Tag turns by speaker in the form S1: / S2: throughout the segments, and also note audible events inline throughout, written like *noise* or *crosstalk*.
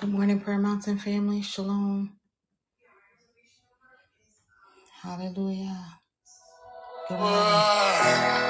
S1: Good morning, Prayer Mountain family. Shalom. Hallelujah. Good morning.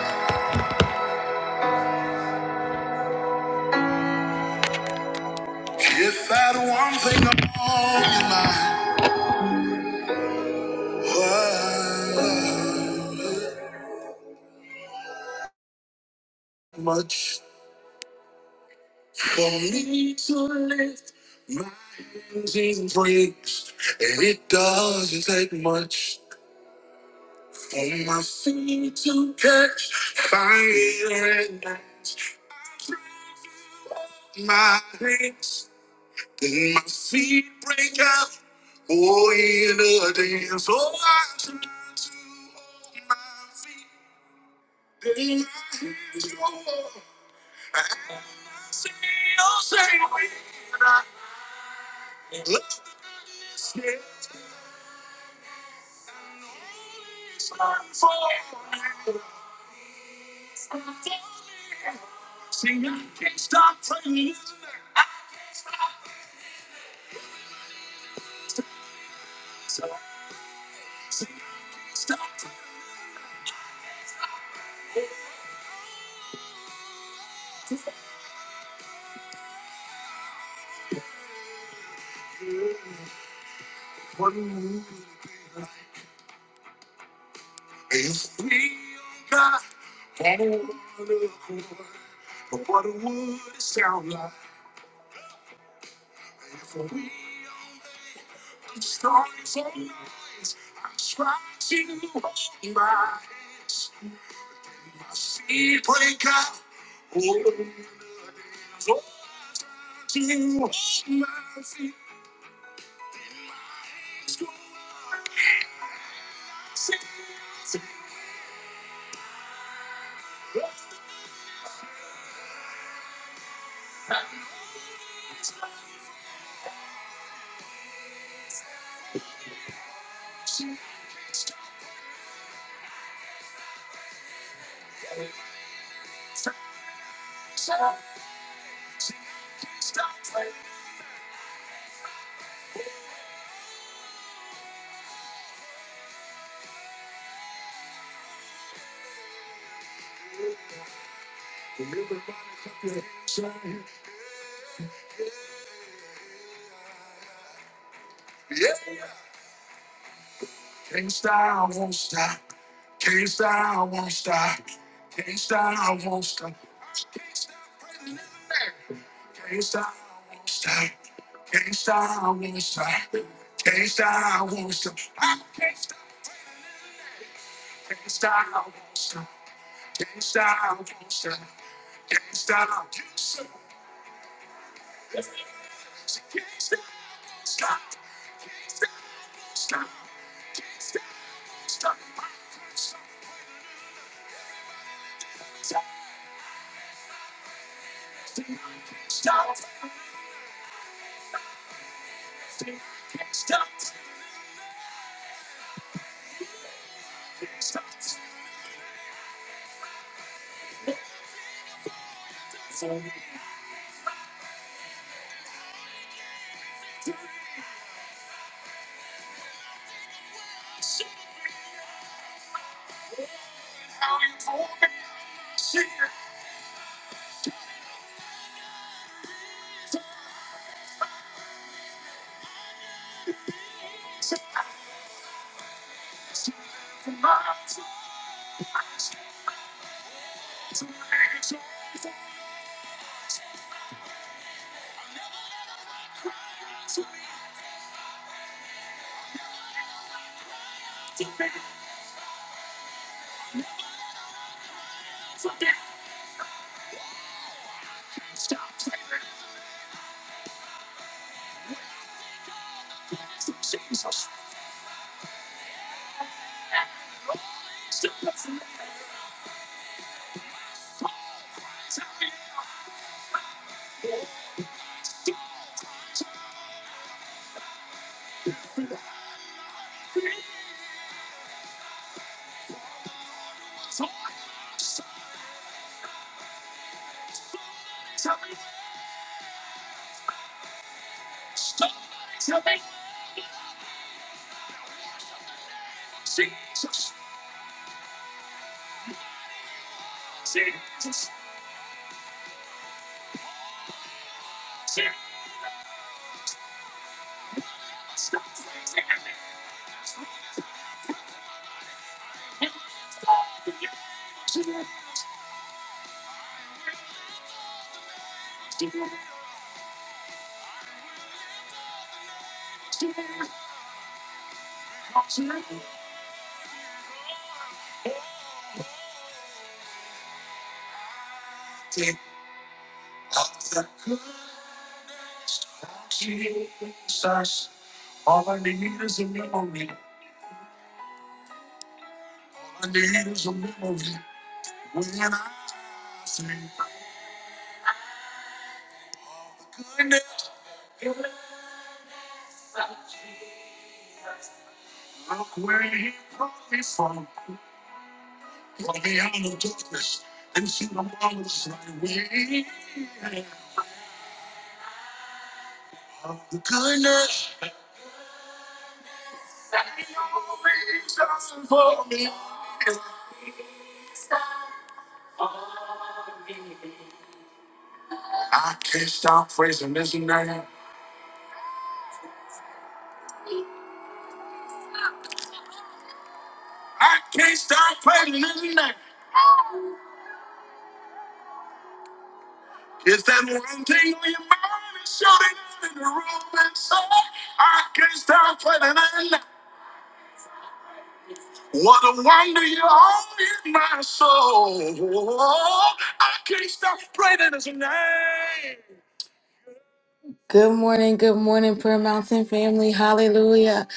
S1: Good morning, good morning, Prayer Mountain family. Hallelujah.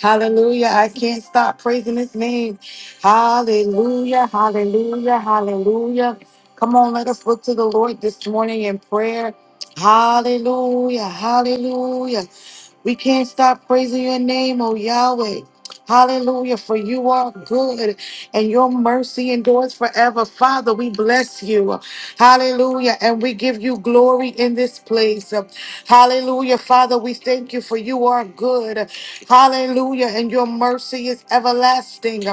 S1: Hallelujah. I can't stop praising his name. Hallelujah. Hallelujah. Hallelujah. Come on, let us look to the Lord this morning in prayer. Hallelujah. Hallelujah. We can't stop praising your name, oh Yahweh. Hallelujah, for you are good and your mercy endures forever. Father, we bless you. Hallelujah. And we give you glory in this place. Hallelujah. Father, we thank you for you are good. Hallelujah. And your mercy is everlasting.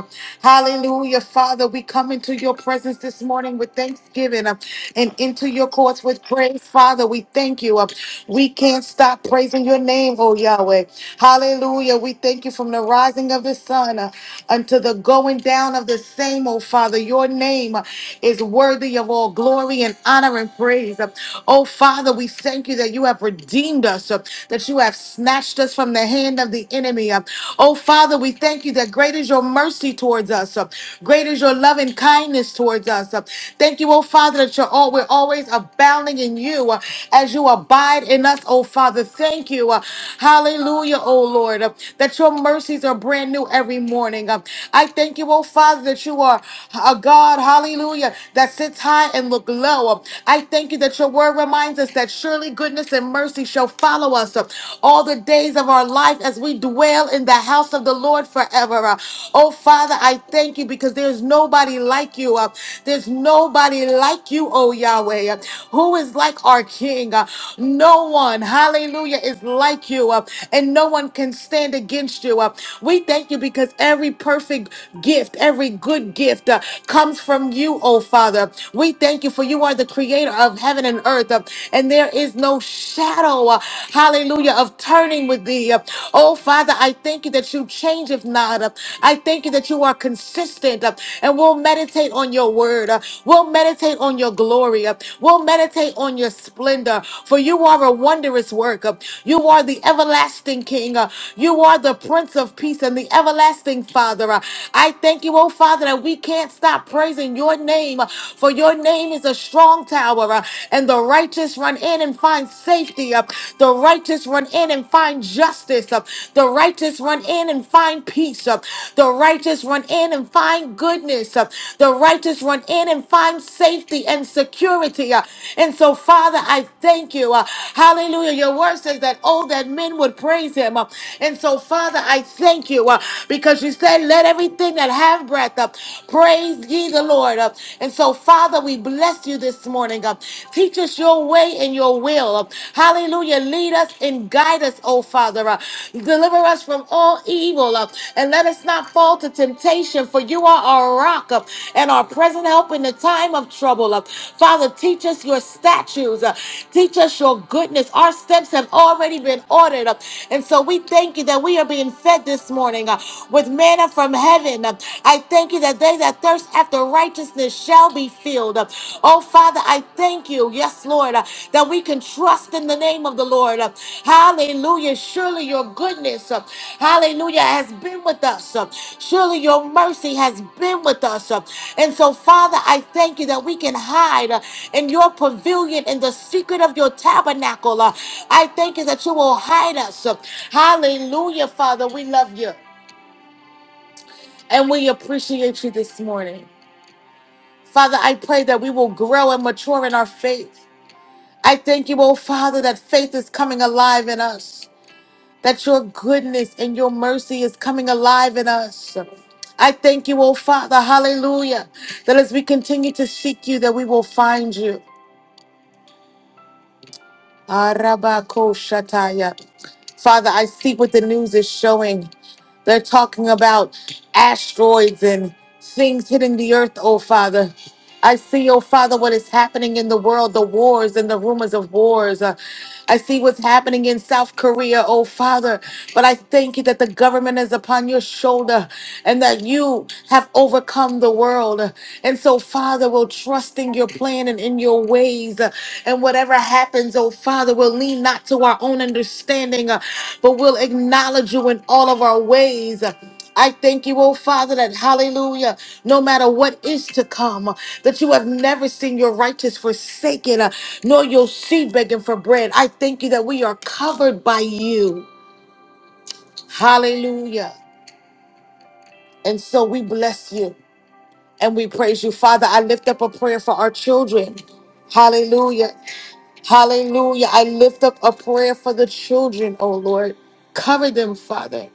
S1: Hallelujah. Father, we come into your presence this morning with thanksgiving uh, and into your courts with praise. Father, we thank you. uh, We can't stop praising your name, oh Yahweh. Hallelujah. We thank you from the rising of rising of the sun uh, unto the going down of the same, oh Father. Your name uh, is worthy of all glory and honor and praise. Uh, Oh Father, we thank you that you have redeemed us, uh, that you have snatched us from the hand of the enemy. Uh, Oh Father, we thank you that great is your mercy towards us, uh, great is your love and kindness towards us. Uh, Thank you, oh Father, that you're all, we're always abounding in you uh, as you abide in us, oh Father. Thank you. uh, Hallelujah, oh Lord, uh, that your mercies are brand new brand new every morning. Um, I thank you, oh Father, that you are a God, hallelujah, that sits high and look low. Um, I thank you that your word reminds us that surely goodness and mercy shall follow us um, all the days of our life as we dwell in the house of the Lord forever. Uh, oh Father, I thank you because there's nobody like you. Uh, there's nobody like you, oh Yahweh. Uh, who is like our King? Uh, no one, hallelujah, is like you, uh, and no one can stand against you. Uh, we thank you because every perfect gift, every good gift uh, comes from you, oh Father. We thank you for you are the creator of heaven and earth, uh, and there is no shadow, uh, hallelujah, of turning with thee. uh. oh Father, I thank you that you change if not. uh. I thank you that you are consistent, uh, and we'll meditate on your word. uh. we'll meditate on your glory. uh. we'll meditate on your splendor, for you are a wondrous work. uh. you are the everlasting King. uh. you are the Prince of Peace and the and the everlasting Father. Uh, I thank you, oh Father, that we can't stop praising your name, uh, for your name is a strong tower, uh, and the righteous run in and find safety. uh, The righteous run in and find justice. uh, The righteous run in and find peace. uh, The righteous run in and find goodness. uh, The righteous run in and find safety and security. uh, And so, Father, I thank you. uh, Hallelujah. Your word says that, oh, that men would praise him. uh, And so, Father, I thank you you uh, because you said, Let everything that have breath up praise ye the Lord. Uh, and so, Father, we bless you this morning. Uh, teach us your way and your will. Uh, hallelujah. Lead us and guide us, oh Father. Uh, deliver us from all evil uh, and let us not fall to temptation, for you are our rock uh, and our present help in the time of trouble. Uh, Father, teach us your statutes. Uh, teach us your goodness. Our steps have already been ordered. Uh, and so, we thank you that we are being fed this morning morning uh, with manna from heaven. Uh, I thank you that they that thirst after righteousness shall be filled. Uh, Oh, Father, I thank you, yes, Lord, uh, that we can trust in the name of the Lord. Uh, Hallelujah. Surely your goodness, uh, hallelujah, has been with us. Uh, Surely your mercy has been with us. Uh, And so, Father, I thank you that we can hide uh, in your pavilion in the secret of your tabernacle. Uh, I thank you that you will hide us. Uh, Hallelujah, Father. We love you and we appreciate you this morning. Father, I pray that we will grow and mature in our faith. I thank you, oh Father, that faith is coming alive in us, that your goodness and your mercy is coming alive in us. I thank you, oh Father, hallelujah, that as we continue to seek you, that we will find you. Arabakoshataya. Father, I see what the news is showing. They're talking about asteroids and things hitting the earth, oh Father. I see, oh Father, what is happening in the world, the wars and the rumors of wars. Uh, I see what's happening in South Korea, oh Father. But I thank you that the government is upon your shoulder and that you have overcome the world. And so, Father, we'll trust in your plan and in your ways. uh, And whatever happens, oh Father, we'll lean not to our own understanding, uh, but we'll acknowledge you in all of our ways. I thank you, oh Father, that hallelujah, no matter what is to come, uh, that you have never seen your righteous forsaken, uh, nor your seed begging for bread. I thank you that we are covered by you. Hallelujah. And so we bless you and we praise you. Father, I lift up a prayer for our children. Hallelujah. Hallelujah. I lift up a prayer for the children, oh Lord. Cover them, Father.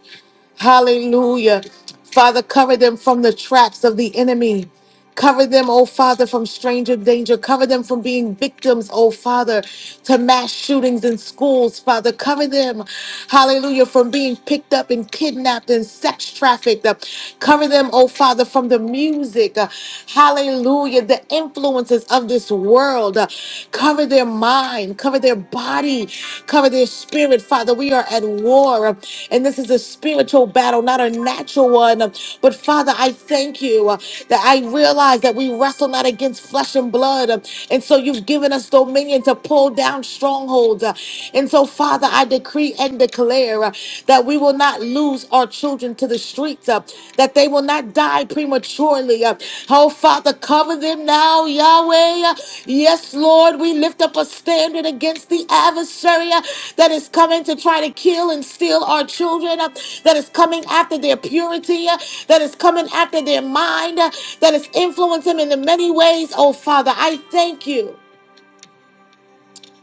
S1: Hallelujah. Father, cover them from the traps of the enemy. Cover them, oh Father, from stranger danger. Cover them from being victims, oh Father, to mass shootings in schools, Father. Cover them, hallelujah, from being picked up and kidnapped and sex trafficked. Uh, Cover them, oh Father, from the music, uh, hallelujah, the influences of this world world. Uh, Cover their mind, cover their body, cover their spirit. Father, we are at war, uh, and this is a spiritual battle, not a natural one. Uh, But Father, I thank you uh, that I realize that we wrestle not against flesh and blood. Uh, And so you've given us dominion to pull down strongholds. Uh, And so, Father, I decree and declare uh, that we will not lose our children to the streets up that they will not die prematurely uh, oh father cover them now yahweh uh, yes lord we lift up a standard against the adversary uh, that is coming to try to kill and steal our children uh, that is coming after their purity uh, that is coming after their mind uh, that is influencing them in the many ways oh father i thank you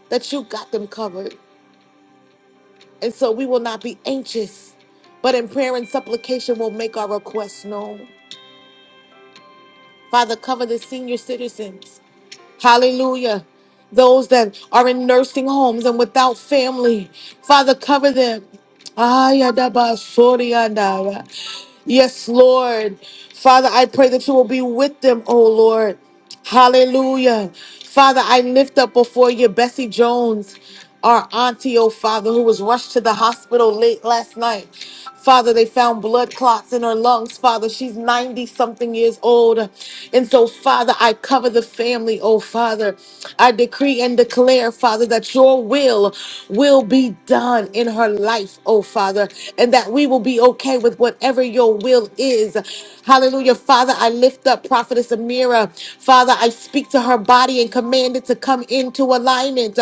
S1: that you got them covered and so we will not be anxious but in prayer and supplication we will make our requests known Father, cover the senior citizens. Hallelujah. Those that are in nursing homes and without family. Father, cover them. Ayadabasoriandaya. Yes, Lord. Father, I pray that you will be with them, oh Lord. Hallelujah. Father, I lift up before you Bessie Jones, our auntie, oh Father, who was rushed to the hospital late last night. Father, they found blood clots in her lungs. Father, she's 90 something years old. And so, Father, I cover the family, oh Father. I decree and declare, Father, that your will will be done in her life, oh Father, and that we will be okay with whatever your will is. Hallelujah. Father, I lift up Prophetess Amira. Father, I speak to her body and command it to come into alignment.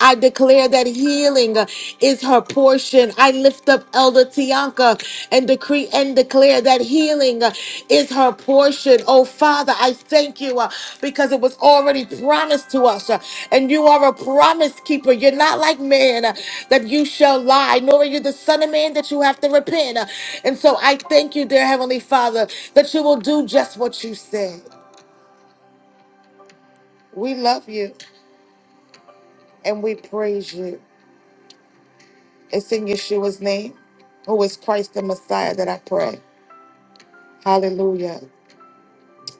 S1: I declare that healing uh, is her portion. I lift up Elder Tianka and decree and declare that healing uh, is her portion. Oh, Father, I thank you uh, because it was already promised to us. uh, And you are a promise keeper. You're not like man uh, that you shall lie, nor are you the son of man that you have to repent. Uh, And so I thank you, dear Heavenly Father, that you will do just what you said. We love you and we praise you. It's in Yeshua's name, who is Christ the Messiah, that I pray. Hallelujah.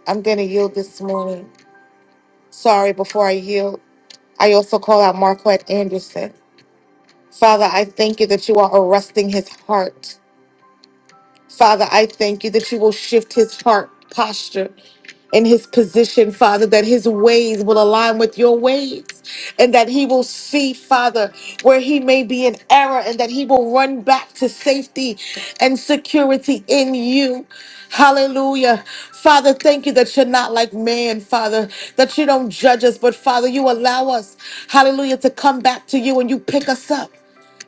S1: I'm going to yield this morning. Sorry, before I yield, I also call out Marquette Anderson. Father, I thank you that you are arresting his heart. Father, I thank you that you will shift his heart posture and his position, Father, that his ways will align with your ways and that he will see, Father, where he may be in error and that he will run back to safety and security in you. Hallelujah. Father, thank you that you're not like man, Father, that you don't judge us, but Father, you allow us, hallelujah, to come back to you and you pick us up.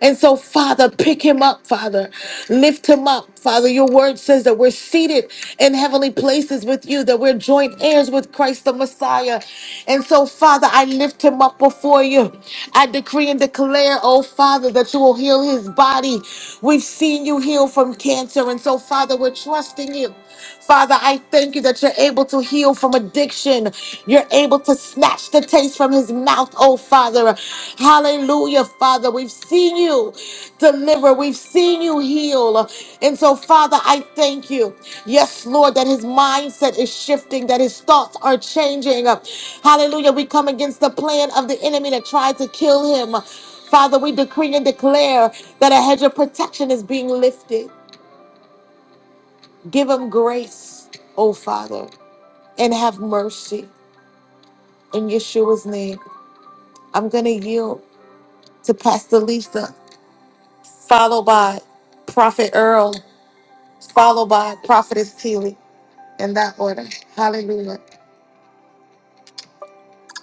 S1: And so, Father, pick him up, Father. Lift him up, Father. Your word says that we're seated in heavenly places with you, that we're joint heirs with Christ the Messiah. And so, Father, I lift him up before you. I decree and declare, oh Father, that you will heal his body. We've seen you heal from cancer. And so, Father, we're trusting you. Father, I thank you that you're able to heal from addiction. You're able to snatch the taste from his mouth, oh Father. Hallelujah, Father. We've seen you deliver, we've seen you heal. And so, Father, I thank you. Yes, Lord, that his mindset is shifting, that his thoughts are changing. Hallelujah. We come against the plan of the enemy that tried to kill him. Father, we decree and declare that a hedge of protection is being lifted. Give him grace, oh Father and have mercy in Yeshua's name. I'm going to yield to Pastor Lisa, followed by Prophet Earl, followed by Prophetess Tilly in that order. Hallelujah.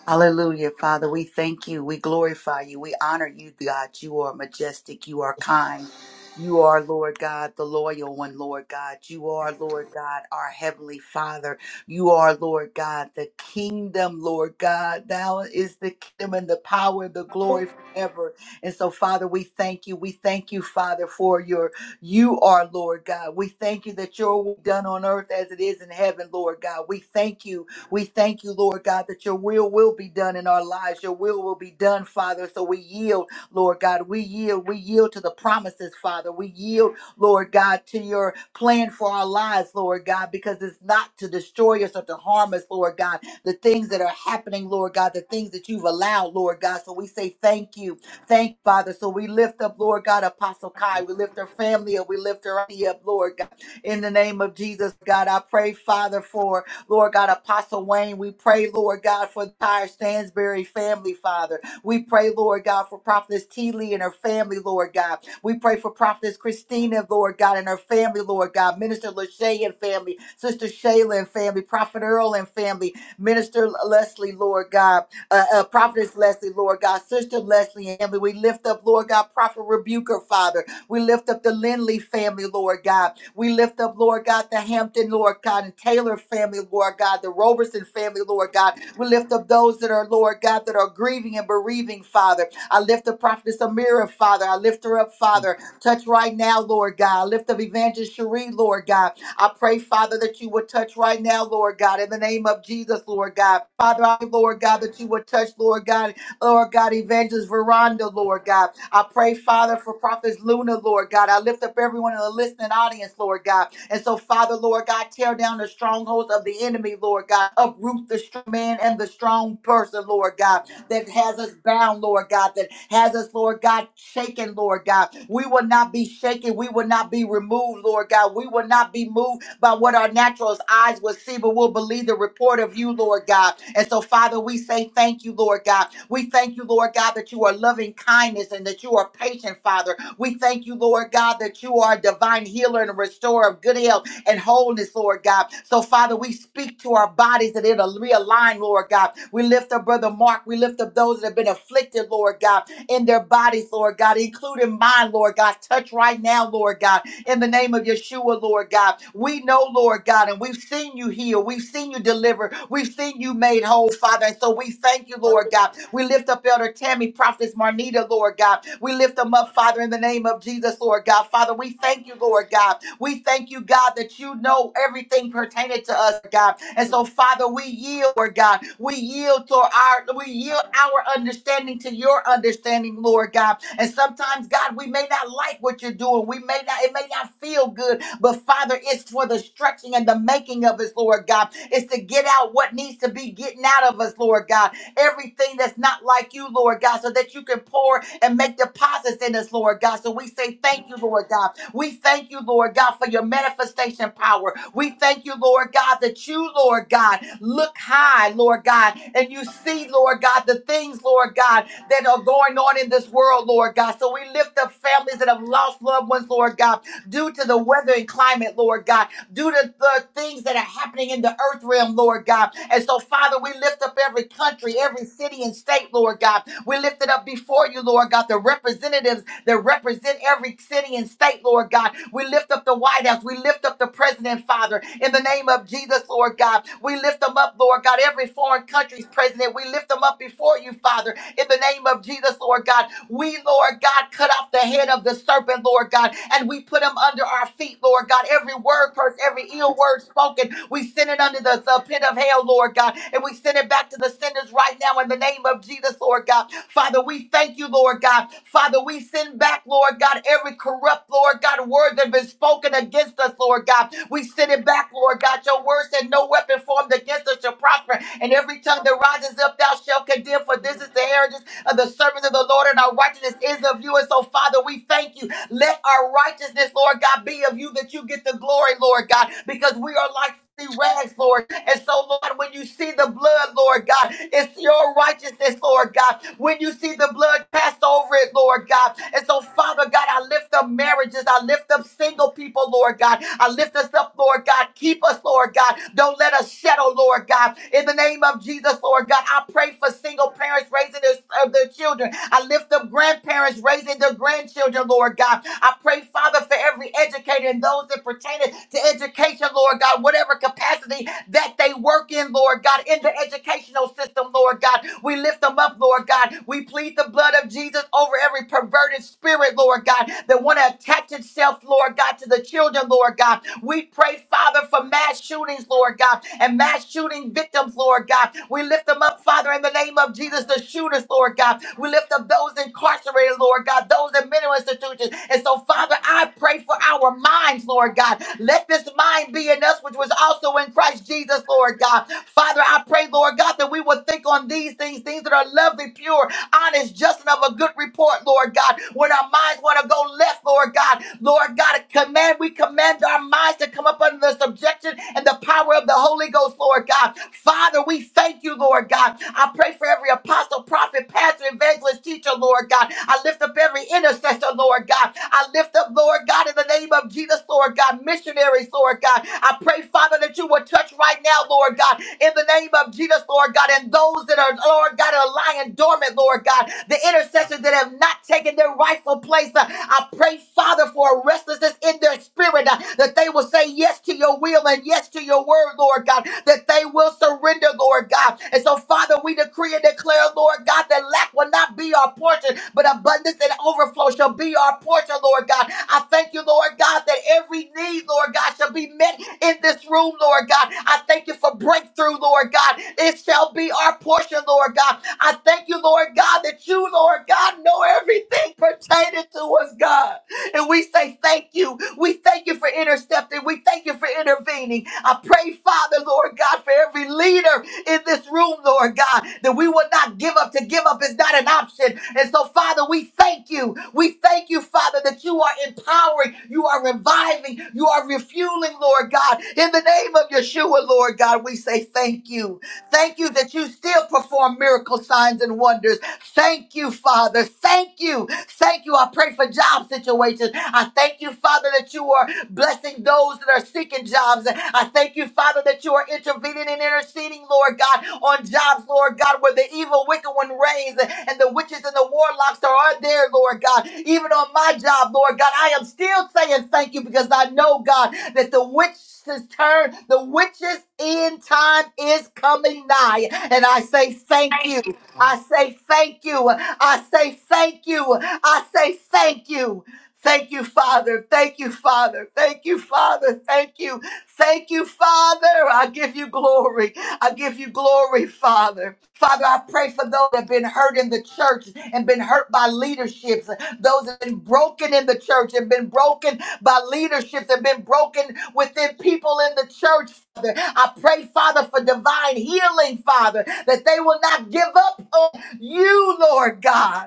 S2: Hallelujah, Father. We thank you. We glorify you. We honor you, God. You are majestic. You are kind. You are, Lord God, the loyal one, Lord God. You are, Lord God, our heavenly Father. You are, Lord God, the kingdom, Lord God. Thou is the kingdom and the power, the glory forever. And so, Father, we thank you. We thank you, Father, for your, you are, Lord God. We thank you that your will be done on earth as it is in heaven, Lord God. We thank you we thank you, Lord God, that your will will be done in our lives. Your will will be done, Father. So we yield, Lord God. We yield. We yield to the promises, Father. We yield, Lord God, to your plan for our lives, Lord God, because it's not to destroy us or to harm us, Lord God. The things that are happening, Lord God, the things that you've allowed, Lord God. So we say thank you. Thank Father. So we lift up, Lord God, Apostle Kai. We lift her family up. We lift her up, Lord God. In the name of Jesus, God, I pray, Father, for Lord God, Apostle Wayne, we pray, Lord God, for the entire Stansbury family, Father. We pray, Lord God, for Prophetess T. Lee and her family, Lord God. We pray for Prophetess Christina, Lord God, and her family, Lord God. Minister Lachey and family, Sister Shayla and family, Prophet Earl and family, Minister Leslie, Lord God, uh, uh, Prophetess Leslie, Lord God, Sister Leslie and family. We lift up, Lord God, Prophet Rebuker, Father. We lift up the Lindley family, Lord God. We lift up, Lord God, the Hampton, Lord God, and Taylor family, Lord God, the Roberson family, Lord God. We lift up those that are, Lord God, that are grieving and bereaving, Father. I lift up Prophetess Amira, Father. I lift her up, Father. Touch right now, Lord God. I lift up Evangelist Cherie, Lord God. I pray, Father, that you would touch right now, Lord God, in the name of Jesus, Lord God. Father, I, Lord God, that you would touch, Lord God, Lord God, Evangelist Veranda, Lord God. I pray, Father, for Prophets Luna, Lord God. I lift up everyone in the listening audience, Lord God. And so, Father, Lord God, tear down the strongholds of the enemy, Lord God. Uproot the strong man and the strong person, Lord God, that has us bound, Lord God, that has us, Lord God, shaken, Lord God. We will not be shaken. We will not be removed, Lord God. We will not be moved by what our natural eyes will see, but we'll believe the report of you, Lord God. And so, Father, we say thank you, Lord God. We thank you, Lord God, that you are loving kindness and that you are patient, Father. We thank you, Lord God, that you are a divine healer and a restorer of good health and wholeness, Lord God. So, Father, we speak to our bodies that it'll realign, Lord God. We lift up Brother Mark. We lift up those that have been afflicted, Lord God in their bodies, Lord God, including mine, Lord God. Touch right now, Lord God, in the name of Yeshua, Lord God. We know, Lord God, and we've seen you heal, we've seen you deliver, we've seen you made whole, Father. And so we thank you, Lord God. We lift up Elder Tammy, Prophetess Marnita, Lord God. We lift them up, Father, in the name of Jesus, Lord God. Father, we thank you, Lord God. We thank you, God. God, that you know everything pertaining to us, God. And so, Father, we yield, Lord God. We yield to our we yield our understanding to your understanding, Lord God. And sometimes, God, we may not like what you're doing. We may not, it may not feel good, but Father, it's for the stretching and the making of us, Lord God. It's to get out what needs to be getting out of us, Lord God. Everything that's not like you, Lord God, so that you can pour and make deposits in us, Lord God. So we say thank you, Lord God. We thank you, Lord God, for your manifestation power. We thank you, Lord God, that you, Lord God, look high, Lord God, and you see, Lord God, the things, Lord God, that are going on in this world, Lord God. So we lift up families that have lost loved ones, Lord God, due to the weather and climate, Lord God, due to the things that are happening in the earth realm, Lord God. And so, Father, we lift up every country, every city and state, Lord God. We lift it up before you, Lord God, the representatives that represent every every city and state, Lord God. We lift up the White House. We lift up the president, Father, in the name of Jesus, Lord God. We lift them up, Lord God. Every foreign country's president, we lift them up before you, Father, in the name of Jesus, Lord God. We, Lord God, cut off the head of the serpent, Lord God, and we put him under our feet, Lord God. Every word curse, every ill word spoken, we send it under the, the pit of hell, Lord God, and we send it back to the sinners right now in the name of Jesus, Lord God. Father, we thank you, Lord God. Father, we send back back, Lord God, every corrupt, Lord God, word that has been spoken against us, Lord God. We send it back, Lord God. Your word said, No weapon formed against us shall prosper, and every tongue that rises up, thou shalt condemn, for this is the heritage of the servants of the Lord, and our righteousness is of you. And so, Father, we thank you. Let our righteousness, Lord God, be of you that you get the glory, Lord God, because we are like filthy rags, Lord. And so, Lord, when you see the blood, Lord God, it's your righteousness, Lord God. When you see the blood pass over it, Lord God. And so, Father God, I lift up marriages. I lift up single people, Lord God. I lift us up, Lord God. Keep us, Lord God. Don't let us settle, Lord God. In the name of Jesus, Lord God, I pray for single parents raising their, of their children. I I lift up grandparents raising their grandchildren, Lord God. I pray, Father, for every educator and those that pertain to education, Lord God, whatever capacity that they work in, Lord God, in the educational system, Lord God. We lift them up, Lord God. We plead the blood of Jesus over every perverted spirit, Lord God, that want to attach itself, Lord God, to the children, Lord God. We pray, Father. Father, for mass shootings, Lord God, and mass shooting victims, Lord God. We lift them up, Father, in the name of Jesus, the shooters, Lord God. We lift up those incarcerated, Lord God, those in mental institutions. And so, Father, I pray for our minds, Lord God. Let this mind be in us, which was also in Christ Jesus, Lord God. Father, I pray, Lord God, that we will think on these things, things that are lovely, pure, honest, just and of a good report, Lord God. When our minds want to go left, Lord God, Lord God, command, we command our minds to come up under the subjection and the power of the Holy Ghost, Lord God. Father, we thank you, Lord God. I pray for every apostle, prophet, pastor, evangelist, teacher, Lord God. I lift up every intercessor, Lord God. I lift up, Lord God, in the name of Jesus, Lord Lord God, missionaries, Lord God. I pray, Father, that you would touch right now, Lord God, in the name of Jesus, Lord God, and those that are, Lord God, are lying dormant, Lord God, the intercessors that have not taken their rightful place. Uh, I pray, Father, for a restlessness in their spirit uh, that they will say yes to your will and yes to your word, Lord God, that they will surrender, Lord God. And so, Father, we decree and declare, Lord God, that lack will not be our portion, but abundance and overflow shall be our portion, Lord God. I thank you, Lord God, that every need, Lord God, shall be met in this room, Lord God. I thank you for breakthrough, Lord God. It shall be our portion, Lord God. I thank you, Lord God, that you, Lord God, know everything pertaining to us, God. And we say thank you. We thank you for intercepting. We thank you for intervening. I pray, Father, Lord God, for every leader in this room, Lord God, that we will not give up. To give up is not an option. And so, Father, we thank you. We thank you, Father, that you are empowering, you are reviving, you are refueling, Lord God. In the name of Yeshua, Lord God, we say thank you. Thank you that you still perform miracle signs and wonders. Thank you, Father. Thank you Thank you. I pray for job situations. I thank you, Father, that you are blessing those that are seeking jobs. I thank you, Father, that you are intervening and interceding, Lord God, on jobs, Lord God, where the evil, wicked one reigns and the witches and the warlocks are out there, Lord God. Even on my job, Lord God, I am still saying thank you because I know, God, that the witch's turn, the witch's end time is coming nigh. And I say thank you. I say thank you. I say thank you. I say thank you. Thank you, Father. Thank you, Father. Thank you, Father. Thank you. Thank you, Father. I give you glory. I give you glory, Father. Father, I pray for those that have been hurt in the church and been hurt by leaderships, those that have been broken in the church and been broken by leaderships, have been broken within people in the church, Father. I pray, Father, for divine healing, Father, that they will not give up on you, Lord God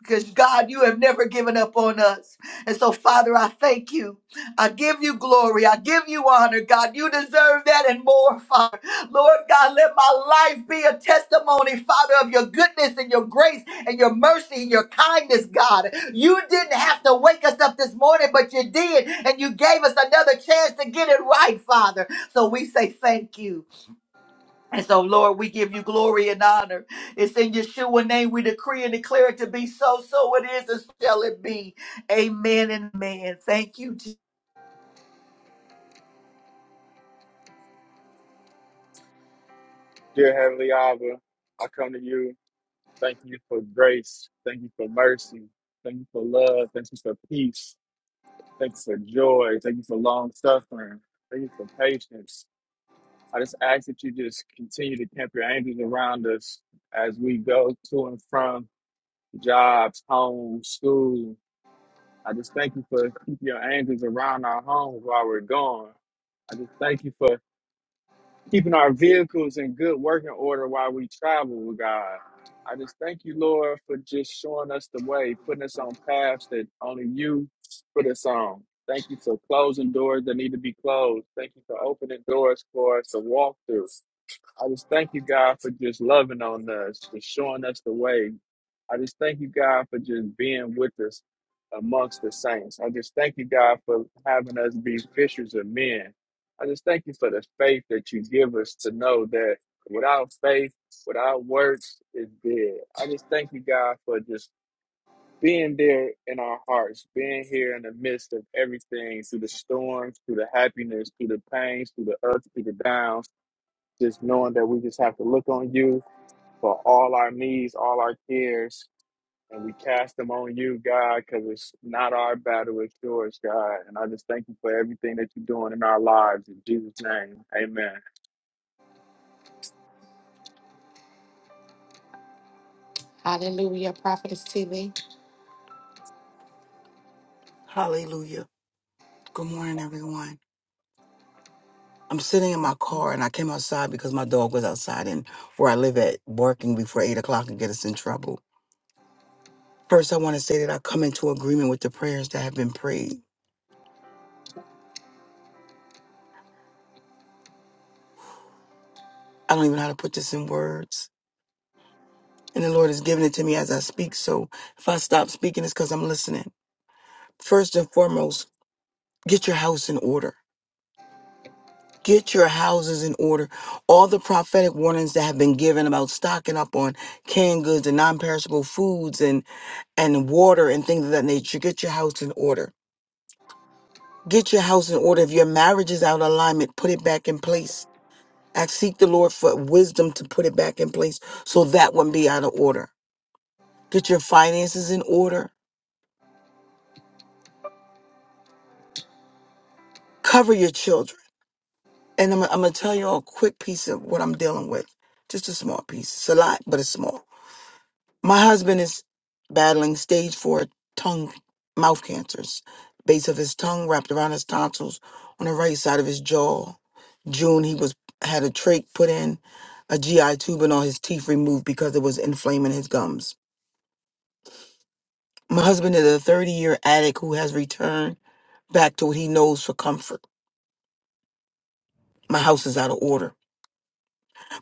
S2: because God, you have never given up on us. And so, Father, I thank you. I give you glory. I give you honor, God. You deserve that and more, Father. Lord God, let my life be a testimony, Father, of your goodness and your grace and your mercy and your kindness, God. You didn't have to wake us up this morning, but you did. And you gave us another chance to get it right, Father. So we say thank you. And so, Lord, we give you glory and honor. It's in Yeshua name we decree and declare it to be so. So it is, and shall it be. Amen and amen. Thank you,
S3: Dear Heavenly Abba, I come to you. Thank you for grace. Thank you for mercy. Thank you for love. Thank you for peace. Thank you for joy. Thank you for long suffering. Thank you for patience. I just ask that you just continue to camp your angels around us as we go to and from jobs, home, school. I just thank you for keeping your angels around our homes while we're gone. I just thank you for keeping our vehicles in good working order while we travel with God. I just thank you, Lord, for just showing us the way, putting us on paths that only you put us on. Thank you for closing doors that need to be closed. Thank you for opening doors for us to walk through. I just thank you, God, for just loving on us, just showing us the way. I just thank you, God, for just being with us amongst the saints. I just thank you, God, for having us be fishers of men. I just thank you for the faith that you give us to know that without faith, without works, is dead. I just thank you, God, for just being there in our hearts, being here in the midst of everything, through the storms, through the happiness, through the pains, through the ups, through the downs just knowing that we just have to look on you for all our needs, all our cares, and we cast them on you, God, because it's not our battle, it's yours, God. And I just thank you for everything that you're doing in our lives. In Jesus' name, amen.
S1: Hallelujah, Prophetess Tilly.
S4: Hallelujah. Good morning, everyone. I'm sitting in my car and I came outside because my dog was outside and where I live at barking before eight o'clock and get us in trouble. First, I want to say that I come into agreement with the prayers that have been prayed. I don't even know how to put this in words. And the Lord has given it to me as I speak. So if I stop speaking, it's because I'm listening. First and foremost, get your house in order. Get your houses in order. All the prophetic warnings that have been given about stocking up on canned goods and non perishable foods and water and things of that nature. Get your house in order. Get your house in order. If your marriage is out of alignment, put it back in place. Ask, seek the Lord for wisdom to put it back in place so that wouldn't be out of order. Get your finances in order. Cover your children. And I'm, I'm going to tell you all a quick piece of what I'm dealing with. Just a small piece. It's a lot, but it's small. My husband is battling stage four tongue mouth cancers, base of his tongue wrapped around his tonsils on the right side of his jaw. June he was had a trach put in, a GI tube and all his teeth removed because it was inflaming his gums. My husband is a 30 year addict who has returned back to what he knows for comfort. My house is out of order.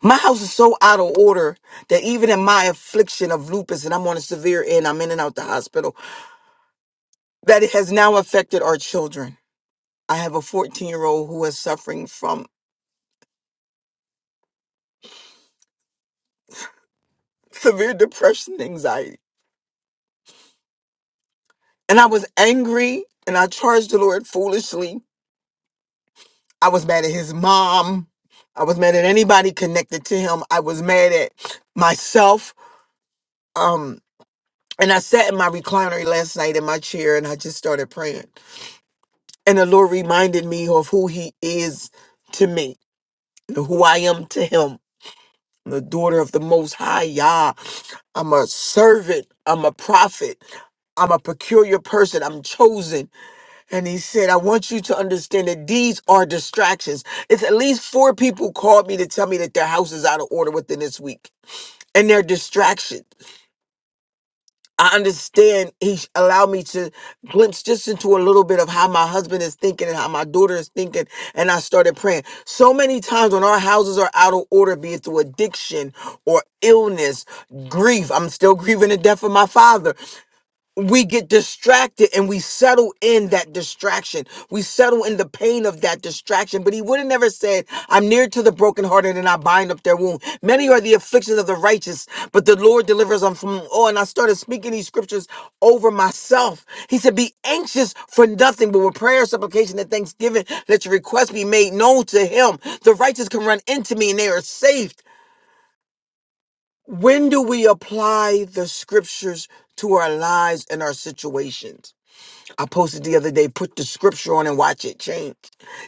S4: My house is so out of order that even in my affliction of lupus and I'm on a severe end, I'm in and out the hospital, that it has now affected our children. I have a 14 year old who is suffering from *laughs* severe depression and anxiety. And I was angry and I charged the Lord foolishly. I was mad at his mom. I was mad at anybody connected to him. I was mad at myself. Um, and I sat in my recliner last night in my chair and I just started praying. And the Lord reminded me of who he is to me and who I am to him. The daughter of the most high Yah. I'm a servant. I'm a prophet. I'm a peculiar person. I'm chosen. And he said, I want you to understand that these are distractions. It's at least four people called me to tell me that their house is out of order within this week and they're distractions. I understand he sh- allowed me to glimpse just into a little bit of how my husband is thinking and how my daughter is thinking. And I started praying. So many times when our houses are out of order, be it through addiction or illness, grief, I'm still *laughs* grieving the death of my father we get distracted and we settle in that distraction. We settle in the pain of that distraction. But he would have never said, I'm near to the brokenhearted and I bind up their wound. Many are the afflictions of the righteous, but the Lord delivers them from all. And I started speaking these scriptures over myself. He said, Be anxious for nothing, but with prayer, supplication, and thanksgiving, let your request be made known to him. The righteous can run into me and they are saved. When do we apply the scriptures to our lives and our situations? I posted the other day, put the scripture on and watch it change.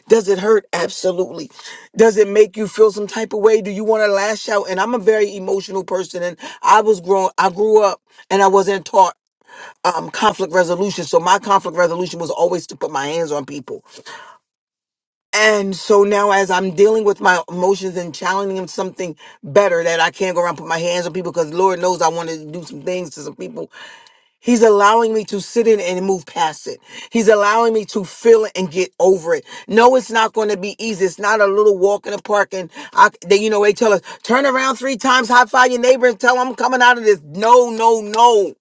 S4: Does it hurt? Absolutely. Does it make you feel some type of way? Do you want to lash out? And I'm a very emotional person and I was grown, I grew up and I wasn't taught um, conflict resolution. So my conflict resolution was always to put my hands on people. And so now as I'm dealing with my emotions and challenging them something better that I can't go around and put my hands on people because Lord knows I want to do some things to some people He's allowing me to sit in it and move past it. He's allowing me to feel it and get over it. No, it's not going to be easy. It's not a little walk in the park and I, they, you know, they tell us turn around three times, high five your neighbor and tell them I'm coming out of this. No, no, no.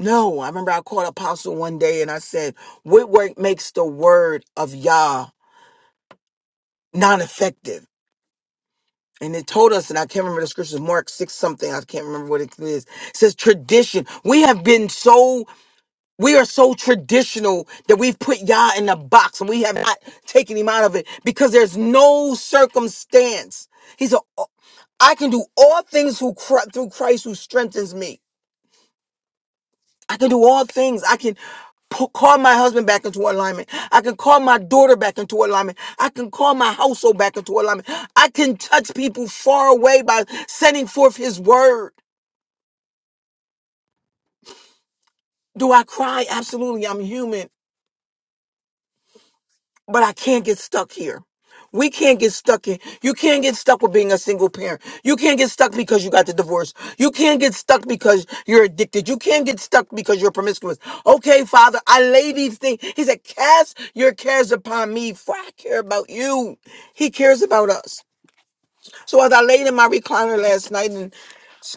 S4: No, I remember I called Apostle one day and I said, What work makes the word of Yah non effective? And it told us, and I can't remember the scriptures, Mark 6 something, I can't remember what it is. It says tradition. We have been so We are so traditional that we've put Yah in a box and we have not taken him out of it because there's no circumstance. He said, I can do all things who, Chri- through Christ who strengthens me. I can do all things. I can pu- call my husband back into alignment. I can call my daughter back into alignment. I can call my household back into alignment. I can touch people far away by sending forth his word. Do I cry? Absolutely. I'm human. but I can't get stuck here. We can't get stuck in. You can't get stuck with being a single parent. You can't get stuck because you got the divorce. You can't get stuck because you're addicted. You can't get stuck because you're promiscuous. Okay, Father, I lay these things. He said, Cast your cares upon me, for I care about you. He cares about us. So as I laid in my recliner last night, and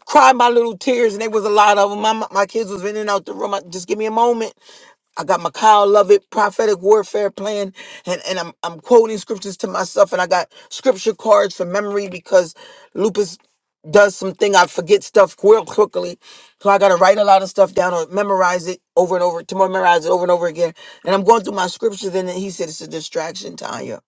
S4: cried my little tears, and there was a lot of them. My, my kids was in and out the room. I, just give me a moment. I got my Kyle Lovett prophetic warfare plan, and, and I'm I'm quoting scriptures to myself, and I got scripture cards for memory because lupus does something I forget stuff real quickly, so I got to write a lot of stuff down or memorize it over and over to memorize it over and over again. And I'm going through my scriptures, and then he said it's a distraction, Tanya.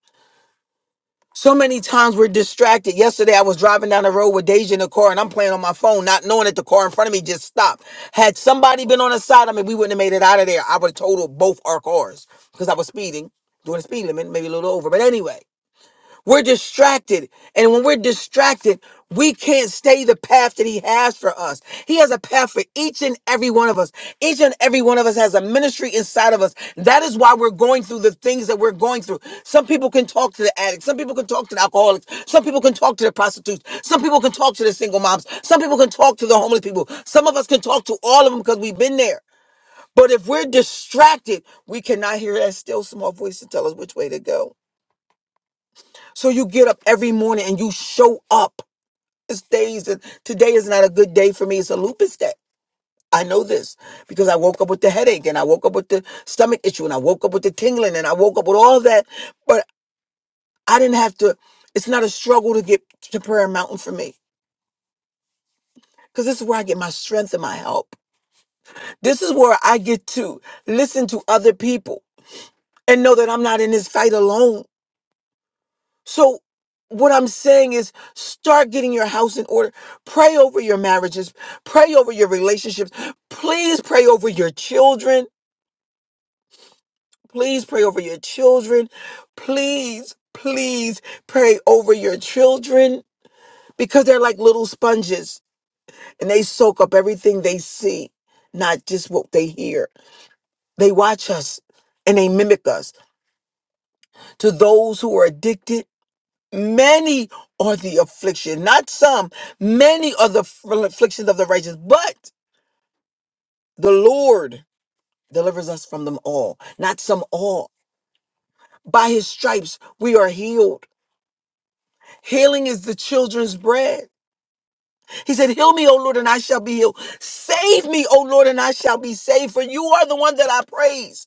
S4: So many times we're distracted. Yesterday, I was driving down the road with Deja in the car, and I'm playing on my phone, not knowing that the car in front of me just stopped. Had somebody been on the side of me, we wouldn't have made it out of there. I would have totaled both our cars because I was speeding, doing a speed limit, maybe a little over. But anyway, we're distracted. And when we're distracted, we can't stay the path that he has for us. He has a path for each and every one of us. Each and every one of us has a ministry inside of us. That is why we're going through the things that we're going through. Some people can talk to the addicts. Some people can talk to the alcoholics. Some people can talk to the prostitutes. Some people can talk to the single moms. Some people can talk to the homeless people. Some of us can talk to all of them because we've been there. But if we're distracted, we cannot hear that still small voice to tell us which way to go. So you get up every morning and you show up. It's days that today is not a good day for me. It's a lupus day. I know this because I woke up with the headache and I woke up with the stomach issue and I woke up with the tingling and I woke up with all that. But I didn't have to, it's not a struggle to get to Prayer Mountain for me because this is where I get my strength and my help. This is where I get to listen to other people and know that I'm not in this fight alone. So what I'm saying is start getting your house in order. Pray over your marriages. Pray over your relationships. Please pray over your children. Please pray over your children. Please, please pray over your children because they're like little sponges and they soak up everything they see, not just what they hear. They watch us and they mimic us. To those who are addicted, Many are the affliction, not some. Many are the f- afflictions of the righteous, but the Lord delivers us from them all, not some all. By his stripes we are healed. Healing is the children's bread. He said, Heal me, O Lord, and I shall be healed. Save me, O Lord, and I shall be saved, for you are the one that I praise.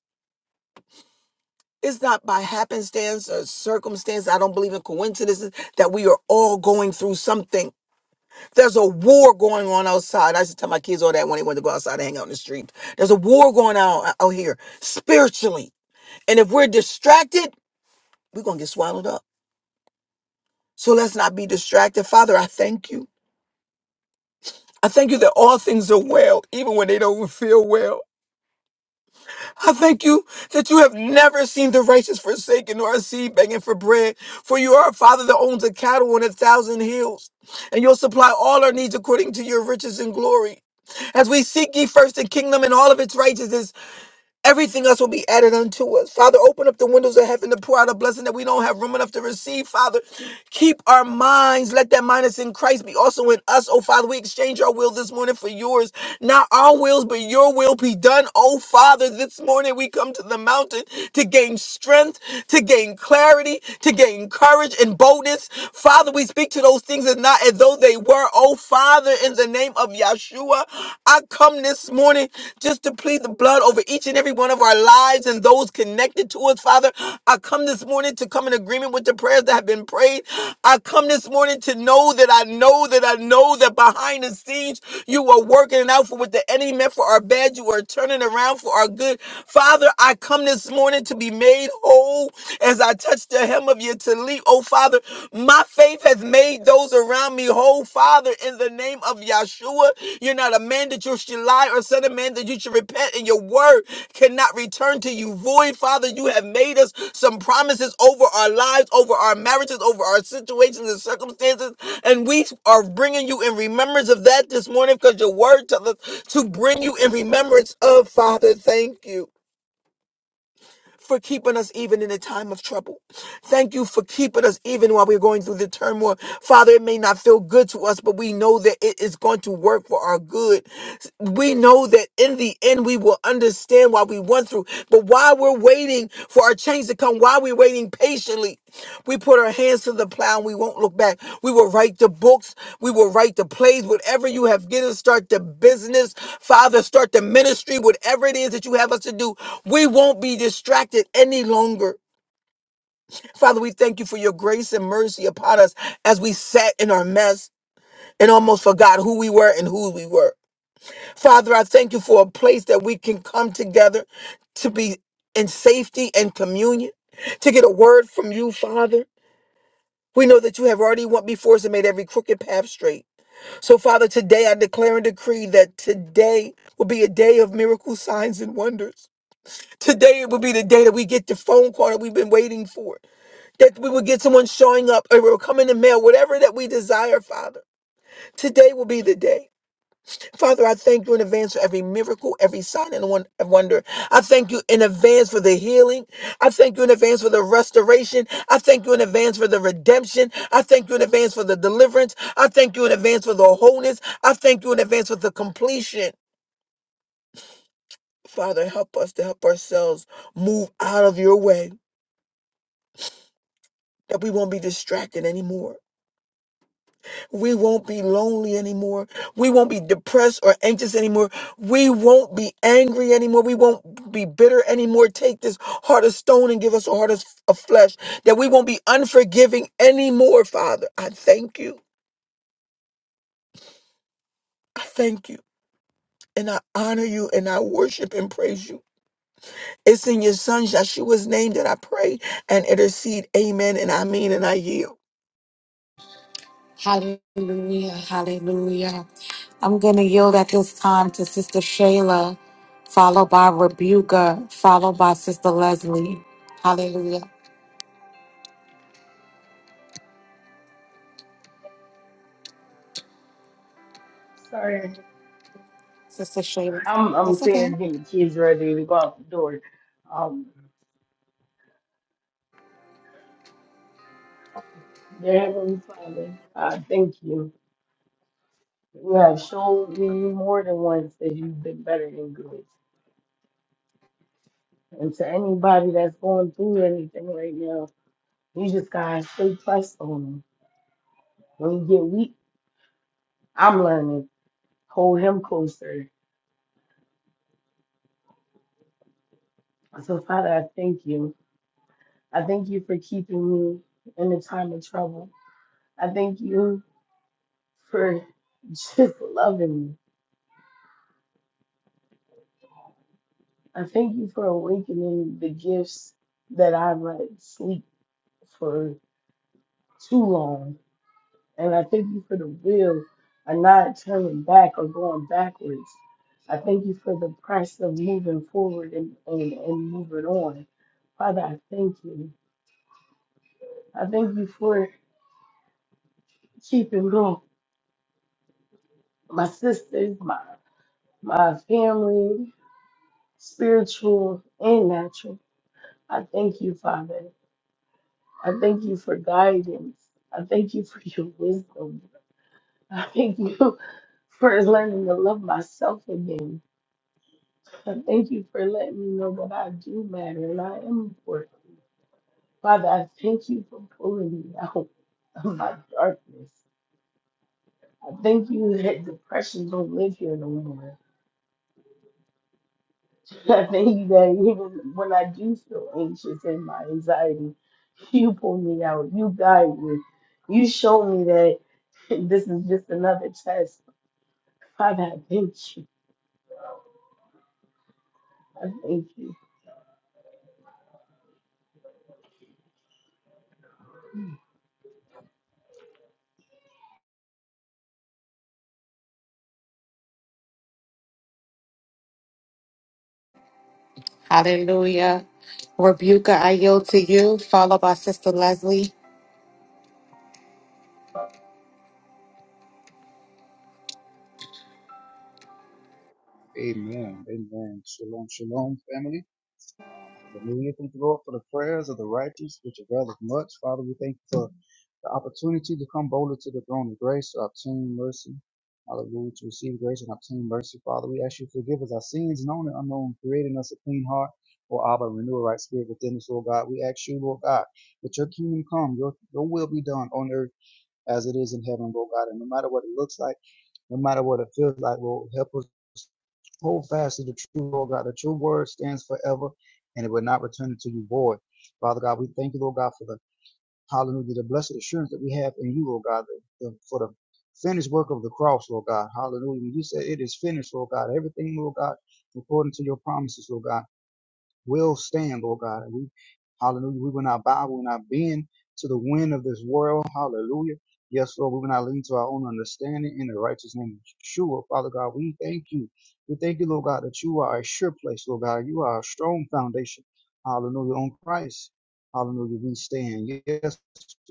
S4: It's not by happenstance or circumstance. I don't believe in coincidences that we are all going through something. There's a war going on outside. I used to tell my kids all that when they wanted to go outside and hang out in the street. There's a war going on out here spiritually. And if we're distracted, we're going to get swallowed up. So let's not be distracted. Father, I thank you. I thank you that all things are well, even when they don't feel well. I thank you that you have never seen the righteous forsaken or a seed begging for bread. For you are a father that owns a cattle on a thousand hills, and you'll supply all our needs according to your riches and glory. As we seek ye first the kingdom and all of its righteousness, Everything else will be added unto us. Father, open up the windows of heaven to pour out a blessing that we don't have room enough to receive. Father, keep our minds. Let that mind that's in Christ be also in us. Oh, Father, we exchange our will this morning for yours. Not our wills, but your will be done. Oh, Father, this morning we come to the mountain to gain strength, to gain clarity, to gain courage and boldness. Father, we speak to those things as not as though they were. Oh, Father, in the the name of Yahshua. I come this morning just to plead the blood over each and every one of our lives and those connected to us, Father. I come this morning to come in agreement with the prayers that have been prayed. I come this morning to know that I know that I know that behind the scenes you are working it out for what the enemy meant for our bad. You are turning around for our good. Father, I come this morning to be made whole as I touch the hem of your tallit believe, oh Father, my faith has made those around me whole, Father, in the name of Yahshua. You're not a man that you should lie or son of man that you should repent, and your word cannot return to you void, Father. You have made us some promises over our lives, over our marriages, over our situations and circumstances, and we are bringing you in remembrance of that this morning because your word tells us to bring you in remembrance of, Father. Thank you for keeping us even in a time of trouble. Thank you for keeping us even while we're going through the turmoil. Father, it may not feel good to us, but we know that it is going to work for our good. We know that in the end we will understand why we went through, but while we're waiting for our change to come while we're waiting patiently. We put our hands to the plow and we won't look back. We will write the books. We will write the plays. Whatever you have given, start the business. Father, start the ministry. Whatever it is that you have us to do, we won't be distracted any longer. Father, we thank you for your grace and mercy upon us as we sat in our mess and almost forgot who we were and who we were. Father, I thank you for a place that we can come together to be in safety and communion, to get a word from you, Father. We know that you have already went before us and made every crooked path straight. So, Father, today I declare and decree that today will be a day of miracle signs and wonders. Today it will be the day that we get the phone call that we've been waiting for, that we will get someone showing up or it will come in the mail, whatever that we desire, Father. Today will be the day. Father, I thank you in advance for every miracle, every sign and won- and wonder. I thank you in advance for the healing. I thank you in advance for the restoration. I thank you in advance for the redemption. I thank you in advance for the deliverance. I thank you in advance for the wholeness. I thank you in advance for the completion. Father, help us to help ourselves move out of your way that we won't be distracted anymore. We won't be lonely anymore. We won't be depressed or anxious anymore. We won't be angry anymore. We won't be bitter anymore. Take this heart of stone and give us a heart of of flesh that we won't be unforgiving anymore, Father. I thank you. I thank you. And I honor you and I worship and praise you. It's in your son Yeshua's name that I pray and intercede. Amen. And I mean and I yield.
S1: Hallelujah. Hallelujah. I'm going to yield at this time to Sister Shayla, followed by Rebuka, followed by Sister Leslie. Hallelujah.
S5: Sorry,
S1: Sister Shayla.
S5: I'm I'm
S1: That's
S5: sitting here
S1: okay.
S5: getting the kids ready to go out the door. Um, dear Heavenly Father, I thank you. You have shown me more than once that you've been better than good. And to anybody that's going through anything right now, you just gotta stay pressed on them. When you get weak, I'm learning. Hold him closer. So Father, I thank you. I thank you for keeping me in the time of trouble. I thank you for *laughs* just loving me. I thank you for awakening the gifts that I've let sleep for too long. And I thank you for the will of not turning back or going backwards. I thank you for the price of moving forward and, and, and moving on. Father, I thank you. I thank you for keeping me, my sisters, my my family, spiritual and natural. I thank you, Father. I thank you for guidance. I thank you for your wisdom. I thank you for learning to love myself again. I thank you for letting me know that I do matter and I am important. Father, I thank you for pulling me out of my darkness. I thank you that depression don't live here no more. *laughs* I thank you that even when I do feel anxious and my anxiety, you pull me out. You guide me. You show me that *laughs* this is just another test Father, I thank you. I thank you.
S1: Hallelujah. Rebuka, I yield to you, followed by Sister Leslie.
S6: Amen. Amen. Shalom, shalom, family. Hallelujah. Thank you, Lord, for the prayers of the righteous, which availeth much. Father, we thank you for the opportunity to come boldly to the throne of grace to obtain mercy. Hallelujah. To receive grace and obtain mercy. Father, we ask you to forgive us our sins, known and unknown, creating us a clean heart. Or Abba, renew a right spirit within us, Lord God. We ask you, Lord God, that your kingdom come, your, your will be done on earth as it is in heaven, Lord God. And no matter what it looks like, no matter what it feels like, will Help us hold fast to the true Lord God. The true word stands forever and it will not return unto you void. Father God, we thank you, Lord God, for the hallelujah, the blessed assurance that we have in you, Lord God, the, the, for the finished work of the cross, Lord God. Hallelujah. When you said it is finished, Lord God, everything, Lord God, according to your promises, Lord God will stand, Lord God. And we, hallelujah, we will not bow, we will not bend to the wind of this world. Hallelujah. Yes, Lord, we will not lean to our own understanding in the righteous name of Yeshua. Father God, we thank you. We thank you, Lord God, that you are a sure place, Lord God. You are a strong foundation. Hallelujah. On Christ. Hallelujah. We stand. Yes,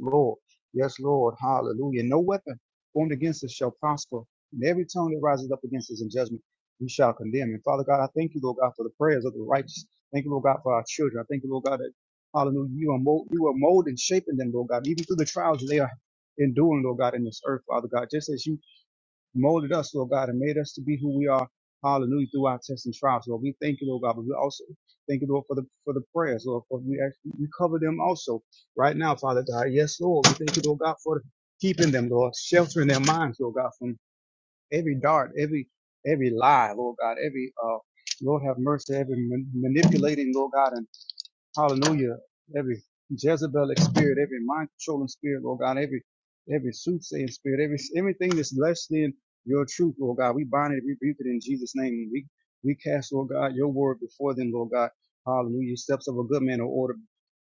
S6: Lord. Yes, Lord. Hallelujah. No weapon formed against us shall prosper. And every tongue that rises up against us in judgment, we shall condemn. And Father God, I thank you, Lord God, for the prayers of the righteous. Thank you, Lord God, for our children. I thank you, Lord God, that hallelujah, you are mold, you are molding, shaping them, Lord God, even through the trials they are enduring, Lord God, in this earth, Father God. Just as you molded us, Lord God, and made us to be who we are, hallelujah, through our tests and trials, Lord. We thank you, Lord God, but we also thank you, Lord, for the for the prayers, Lord, for we actually we cover them also right now, Father God. Yes, Lord. We thank you, Lord God, for keeping them, Lord, sheltering their minds, Lord God, from every dart, every every lie, Lord God, every uh Lord have mercy, every man- manipulating, Lord God, and Hallelujah. Every Jezebelic spirit, every mind controlling spirit, Lord God, every every soothsaying spirit, every everything that's less than your truth, Lord God, we bind it, rebuke it in Jesus' name. We we cast, Lord God, your word before them, Lord God. Hallelujah. Steps of a good man are ordered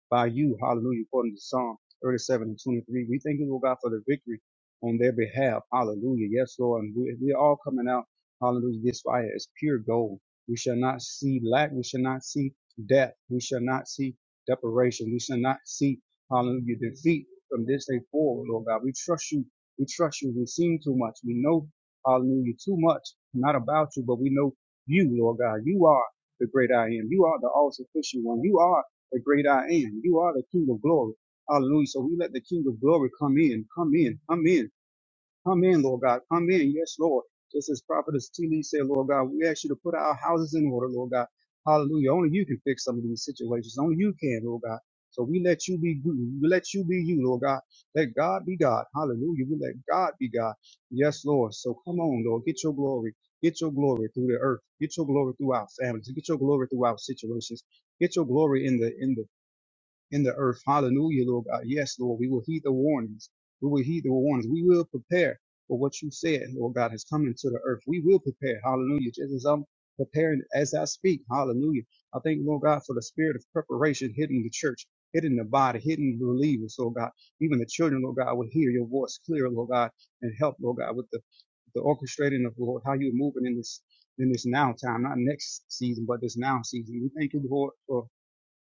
S6: by you. Hallelujah. According to Psalm 37 and 23. We thank you, Lord God, for the victory on their behalf. Hallelujah. Yes, Lord. And we, we are all coming out. Hallelujah. This fire is pure gold. We shall not see lack. We shall not see death. We shall not see deprivation. We shall not see, hallelujah, defeat from this day forward, Lord God. We trust you. We trust you. We've seen too much. We know, hallelujah, too much, not about you, but we know you, Lord God. You are the great I am. You are the all sufficient one. You are the great I am. You are the King of glory. Hallelujah. So we let the King of glory come in, come in, come in, come in, Lord God, come in. Yes, Lord. Just as Prophetess T. Lee said, Lord God, we ask you to put our houses in order, Lord God. Hallelujah. Only you can fix some of these situations. Only you can, Lord God. So we let you be you. We let you be you, Lord God. Let God be God. Hallelujah. We let God be God. Yes, Lord. So come on, Lord. Get your glory. Get your glory through the earth. Get your glory through our families. Get your glory through our situations. Get your glory in the in the in the earth. Hallelujah, Lord God. Yes, Lord, we will heed the warnings. We will heed the warnings. We will prepare for what you said, Lord God, has come into the earth. We will prepare. Hallelujah. Just as I'm preparing as I speak. Hallelujah. I thank, Lord God, for the spirit of preparation hitting the church, hitting the body, hitting believers, Lord God. Even the children, Lord God, will hear your voice clear, Lord God, and help, Lord God, with the, the orchestrating of, Lord, how you're moving in this in this now time, not next season, but this now season. We thank you, Lord, for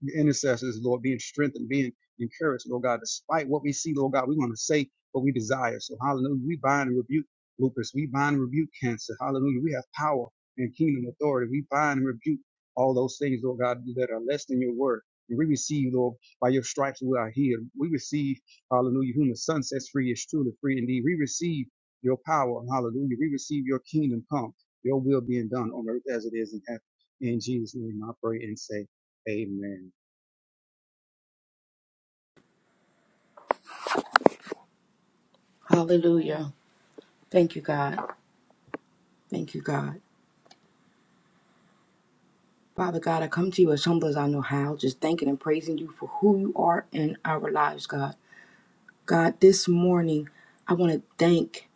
S6: your intercessors, Lord, being strengthened, being encouraged, Lord God, despite what we see, Lord God, we want to say what we desire. So, hallelujah, we bind and rebuke lupus, we bind and rebuke cancer, hallelujah, we have power and kingdom authority, we bind and rebuke all those things, Lord God, that are less than your word. And we receive, Lord, by your stripes we are healed. We receive, hallelujah, whom the sun sets free is truly free indeed. We receive your power, hallelujah. We receive your kingdom come, your will being done on earth as it is in heaven. In Jesus' name I pray and say, Amen.
S7: Hallelujah. Thank you, God. Thank you, God. Father God, I come to you as humble as I know how, just thanking and praising you for who you are in our lives, God. God, this morning, I want to thank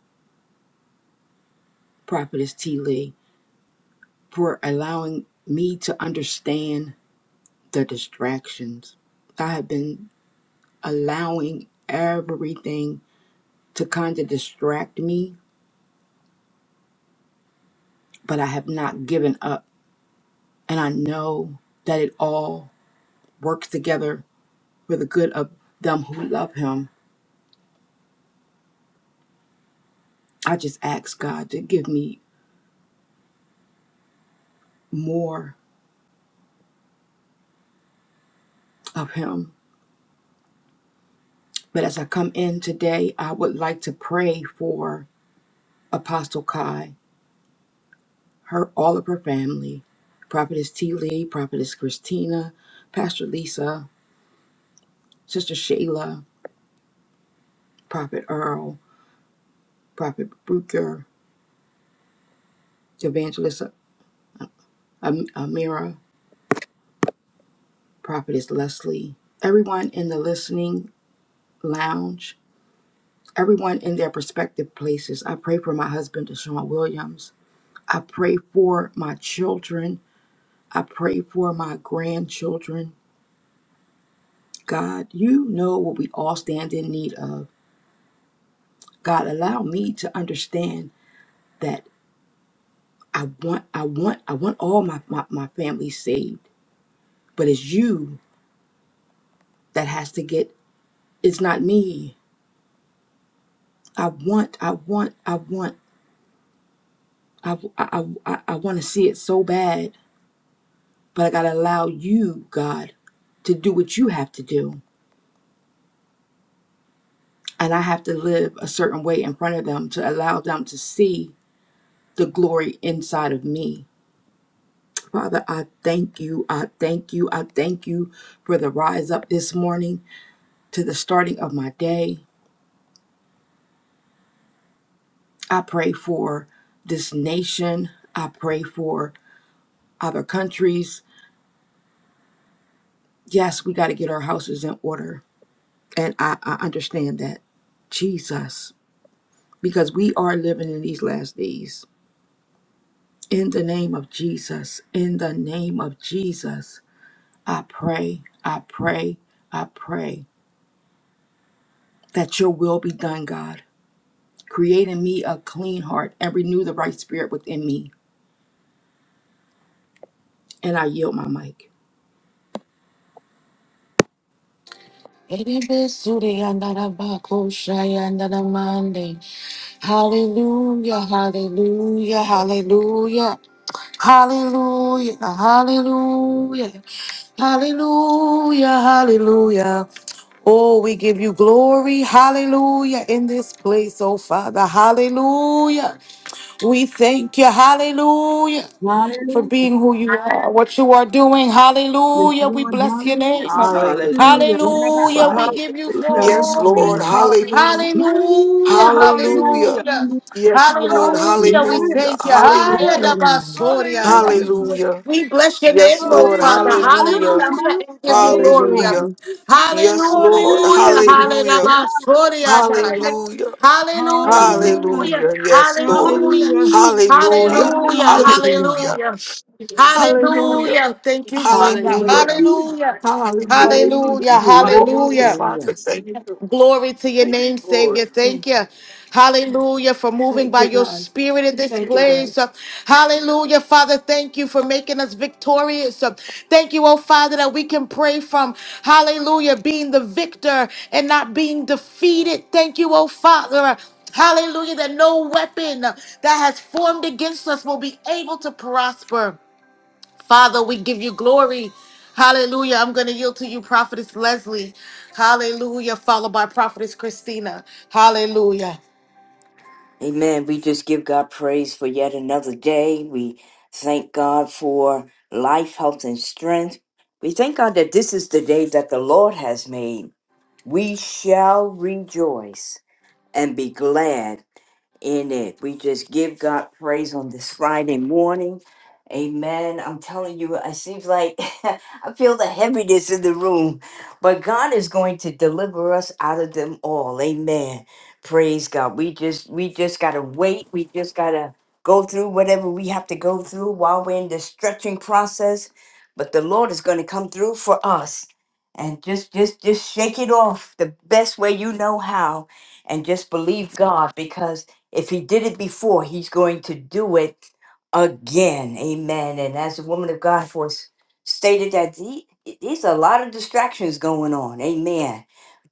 S7: Prophetess T. Lee for allowing me to understand the distractions. I have been allowing everything to kind of distract me, but I have not given up. And I know that it all works together for the good of them who love Him I just ask God to give me more of Him. But as I come in today, I would like to pray for Apostle Kai, her all of her family, Prophetess T. Lee, Prophetess Christina, Pastor Lisa, Sister Shayla, Prophet Earl, Prophet Bruker, Evangelist Am- Amira, Prophetess Leslie, everyone in the listening lounge, everyone in their prospective places. I pray for my husband, Deshaun Williams. I pray for my children. I pray for my grandchildren. God, you know what we all stand in need of. God, allow me to understand that I want, I want, I want all my, my, my family saved. But it's you that has to get, it's not me. I want, I want, I want, I, I, I, I want to see it so bad. But I got to allow you, God, to do what you have to do. And I have to live a certain way in front of them to allow them to see the glory inside of me. Father, I thank you. I thank you. I thank you for the rise up this morning to the starting of my day. I pray for this nation. I pray for other countries. Yes, we got to get our houses in order. And I, I understand that. Jesus, because we are living in these last days. In the name of Jesus, in the name of Jesus, I pray, I pray, I pray that your will be done, God. Create in me a clean heart and renew the right spirit within me. And I yield my mic.
S1: Hallelujah, hallelujah, hallelujah. Hallelujah, hallelujah, hallelujah, hallelujah. Oh, we give you glory, hallelujah, in this place, oh Father, hallelujah. We thank you, hallelujah. for
S8: Hallelujah.
S1: being who you are, what you are doing.
S8: Yes,
S1: Hallelujah. We
S8: Lord.
S1: bless your name.
S8: Hallelujah.
S4: Hallelujah.
S7: Hallelujah.
S8: Rabba,
S1: Hallelujah. We
S4: Father.
S1: give you
S7: Hallelujah.
S4: Yes,
S1: glory.
S4: Lord.
S8: Rabbi.
S7: Hallelujah.
S4: Hallelujah.
S8: Hallelujah.
S1: Hallelujah.
S4: Hallelujah.
S7: Hallelujah.
S1: Hallelujah.
S8: Hallelujah.
S4: Yes, Lord.
S1: Hallelujah. We
S7: Hallelujah.
S8: Rabbi.
S4: Hallelujah.
S1: thank you. Haya
S7: Yeah.
S8: Hallelujah.
S4: Hallelujah.
S1: da
S8: Rabbi.
S1: basoria.
S7: Hallelujah, God.
S4: Hallelujah.
S1: We bless your
S4: Yes,
S1: name, oh
S4: Lord.
S1: Father.
S7: Hallelujah.
S4: Hallelujah.
S1: Hallelujah.
S8: Hallelujah.
S1: And give you
S7: Hallelujah.
S1: glory.
S4: Hallelujah. Yes, Lord.
S7: Hallelujah.
S1: Hallelujah. Hallelujah.
S4: Hallelujah.
S8: Rabbi.
S4: Hallelujah.
S7: Hallelujah.
S1: Hallelujah.
S4: Hallelujah. Yes, Lord.
S1: Hallelujah.
S7: Hallelujah.
S4: Hallelujah.
S1: Hallelujah.
S7: Hallelujah.
S8: Hallelujah. Rabbi.
S4: Hallelujah.
S1: Hallelujah.
S8: Thank you, Lord.
S4: Hallelujah.
S1: Hallelujah. Thank you,
S8: I
S1: Father.
S8: feel the
S4: Hallelujah.
S7: Hallelujah.
S8: spirit.
S1: Hallelujah.
S8: Thank
S4: Hallelujah.
S1: Hallelujah.
S7: Hallelujah.
S8: you.
S4: Oh,
S1: Hallelujah.
S7: Hallelujah.
S4: Father,
S9: Hallelujah.
S4: thank you.
S1: Glory to your
S4: Thank
S1: name,
S4: you, Lord.
S1: Savior.
S7: Thank
S1: Thank
S7: you.
S1: you. Hallelujah for moving
S7: Thank
S1: by
S7: you,
S1: your
S7: God.
S1: spirit in this
S7: Thank you, God.
S1: place. Uh, Hallelujah, Father. Thank you for making us victorious. Uh, Thank you, oh Father, that we can pray from hallelujah, being the victor and not being defeated. Thank you, oh Father. Hallelujah, that no weapon uh, that has formed against us will be able to prosper. Father, we give you glory. Hallelujah. I'm going to yield to you, Prophetess Leslie. Hallelujah. Followed by Prophetess Christina. Hallelujah.
S9: Amen. We just give God praise for yet another day. We thank God for life, health, and strength. We thank God that this is the day that the Lord has made. We shall rejoice and be glad in it. We just give God praise on this Friday morning. Amen. I'm telling you, it seems like *laughs* I feel the heaviness in the room, but God is going to deliver us out of them all. Amen. Praise God. We just we just gotta wait. We just gotta go through whatever we have to go through while we're in the stretching process. But the Lord is going to come through for us. And just just just shake it off the best way you know how and just believe God because if he did it before, he's going to do it again. Amen. And as the woman of God was stated that he, there's a lot of distractions going on. Amen.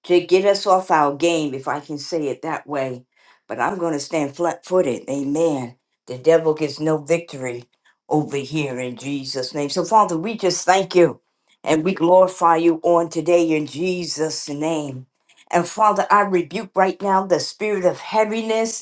S9: To get us off our game, if I can say it that way. But I'm going to stand flat footed. Amen. The devil gets no victory over here in Jesus' name. So, Father, we just thank you and we glorify you on today in Jesus' name. And Father, I rebuke right now the spirit of heaviness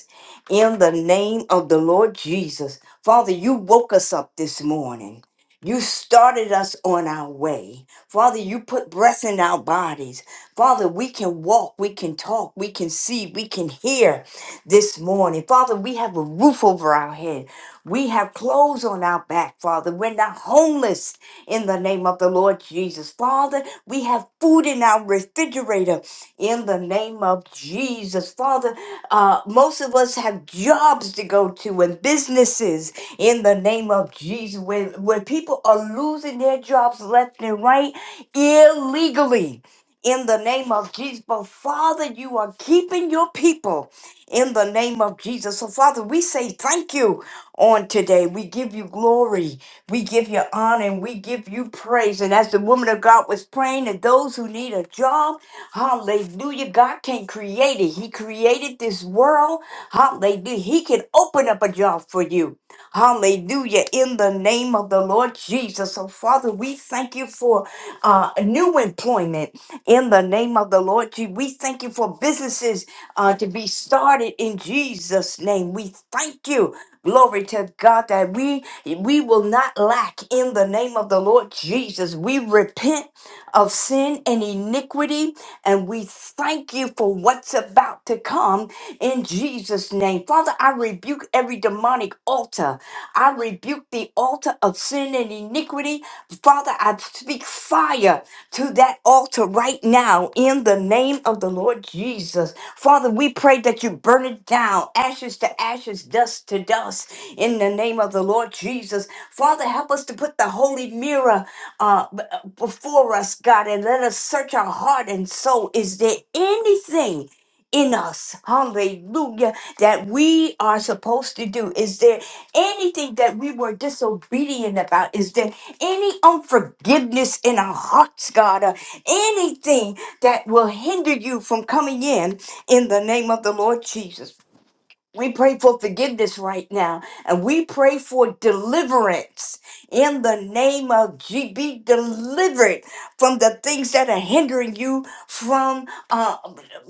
S9: in the name of the Lord Jesus. Father, you woke us up this morning. You started us on our way. Father, you put breath in our bodies. Father, we can walk, we can talk, we can see, we can hear this morning. Father, we have a roof over our head. We have clothes on our back, Father. We're not homeless in the name of the Lord Jesus. Father, we have food in our refrigerator in the name of Jesus. Father, uh, most of us have jobs to go to and businesses in the name of Jesus, When when people are losing their jobs left and right illegally. In the name of Jesus. But Father, you are keeping your people in the name of Jesus. So, Father, we say thank you on today. We give you glory. We give you honor and we give you praise. And as the woman of God was praying, and those who need a job, Hallelujah. God can create it. He created this world. Hallelujah. He can open up a job for you. Hallelujah. In the name of the Lord Jesus. So, Father, we thank you for uh, new employment. In the name of the Lord Jesus. We thank you for businesses uh, to be started in Jesus' name. We thank you. Glory to God that we we will not lack in the name of the Lord Jesus. We repent of sin and iniquity and we thank you for what's about to come in Jesus' name. Father, I rebuke every demonic altar. I rebuke the altar of sin and iniquity. Father, I speak fire to that altar right now in the name of the Lord Jesus. Father, we pray that you burn it down, ashes to ashes, dust to dust, in the name of the Lord Jesus. Father, help us to put the holy mirror uh, b- uh, before us, God, and let us search our heart and soul. Is there anything in us, hallelujah, that we are supposed to do? Is there anything that we were disobedient about? Is there any unforgiveness in our hearts, God? Uh, anything that will hinder you from coming in in the name of the Lord Jesus? We pray for forgiveness right now, and we pray for deliverance in the name of G. Be delivered from the things that are hindering you from uh,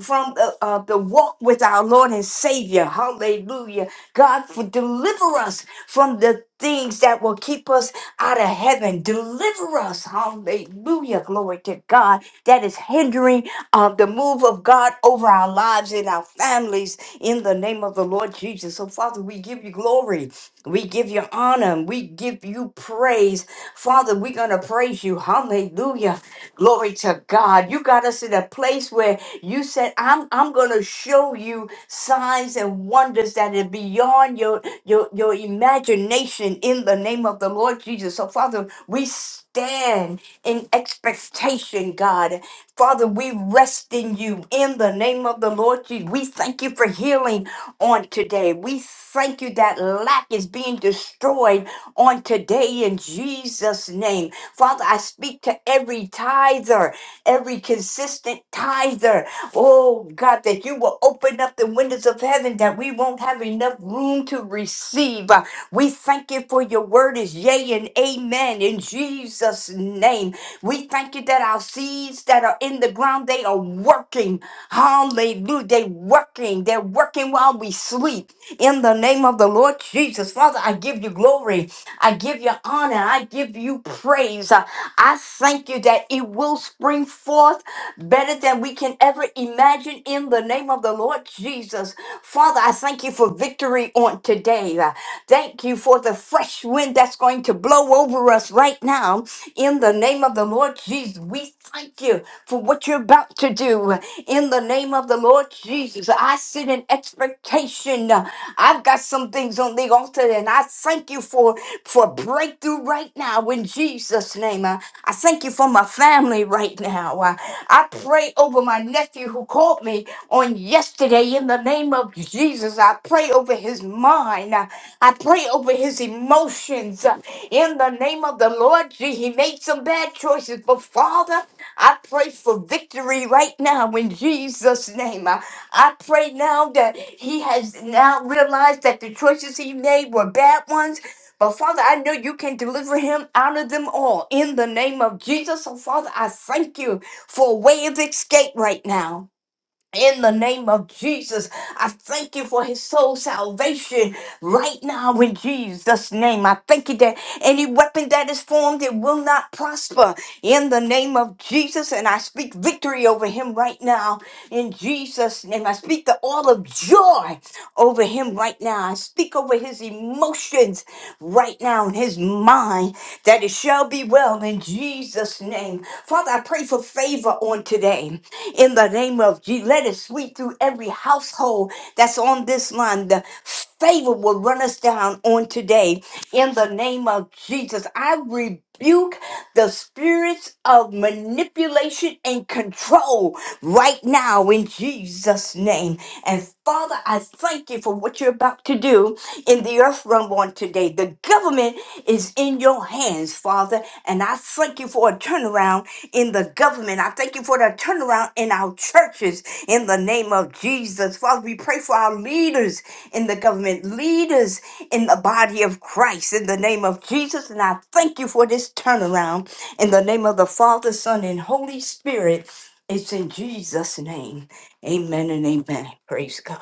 S9: from the, uh, the walk with our Lord and Savior. Hallelujah, God, for deliver us from the things that will keep us out of heaven. Deliver us, Hallelujah, glory to God, that is hindering um, the move of God over our lives and our families in the name of the Lord Jesus. So, Father, we give you glory. We give you honor. We give you praise. Father, we're going to praise you. Hallelujah. Glory to God. You got us in a place where you said, I'm, I'm going to show you signs and wonders that are beyond your, your, your imagination in the name of the Lord Jesus. So, Father, we stand in expectation, God. Father, we rest in you in the name of the Lord Jesus. We thank you for healing on today. We thank you that lack is being destroyed on today in Jesus' name. Father, I speak to every tither, every consistent tither. Oh God, that you will open up the windows of heaven that we won't have enough room to receive. We thank you for your word is yea and amen in Jesus' name. We thank you that our seeds that are in the ground, they are working. Hallelujah. They're working. They're working while we sleep. In the name of the Lord Jesus. Father, I give you glory. I give you honor. I give you praise. Uh, I thank you that it will spring forth better than we can ever imagine in the name of the Lord Jesus. Father, I thank you for victory on today. Uh, Thank you for the fresh wind that's going to blow over us right now in the name of the Lord Jesus. We thank you for what you're about to do in the name of the Lord Jesus. I sit in expectation. Uh, I've got some things on the altar and I thank you for for breakthrough right now in Jesus' name. Uh, I thank you for my family right now. Uh, I pray over my nephew who called me on yesterday in the name of Jesus. I pray over his mind. Uh, I pray over his emotions uh, in the name of the Lord. Gee, he made some bad choices, but Father, I pray for victory right now in Jesus' name. I, I pray now that he has now realized that the choices he made were bad ones but Father, I know you can deliver him out of them all in the name of Jesus. So, Father, I thank you for a way of escape right now. In the name of Jesus, I thank you for his soul salvation right now in Jesus' name. I thank you that any weapon that is formed, it will not prosper in the name of Jesus. And I speak victory over him right now in Jesus' name. I speak the all of joy over him right now. I speak over his emotions right now in his mind that it shall be well in Jesus' name. Father, I pray for favor on today in the name of Jesus. Let it sweep through every household that's on this line. The favor will run us down on today in the name of Jesus. I rebuke the spirits of manipulation and control right now in Jesus' name. And Father, I thank you for what you're about to do in the earth realm on today. The government is in your hands, Father, and I thank you for a turnaround in the government. I thank you for the turnaround in our churches in the name of Jesus. Father, we pray for our leaders in the government, leaders in the body of Christ in the name of Jesus. And I thank you for this turnaround in the name of the Father, Son, and Holy Spirit. It's in Jesus' name. Amen and amen. Praise God.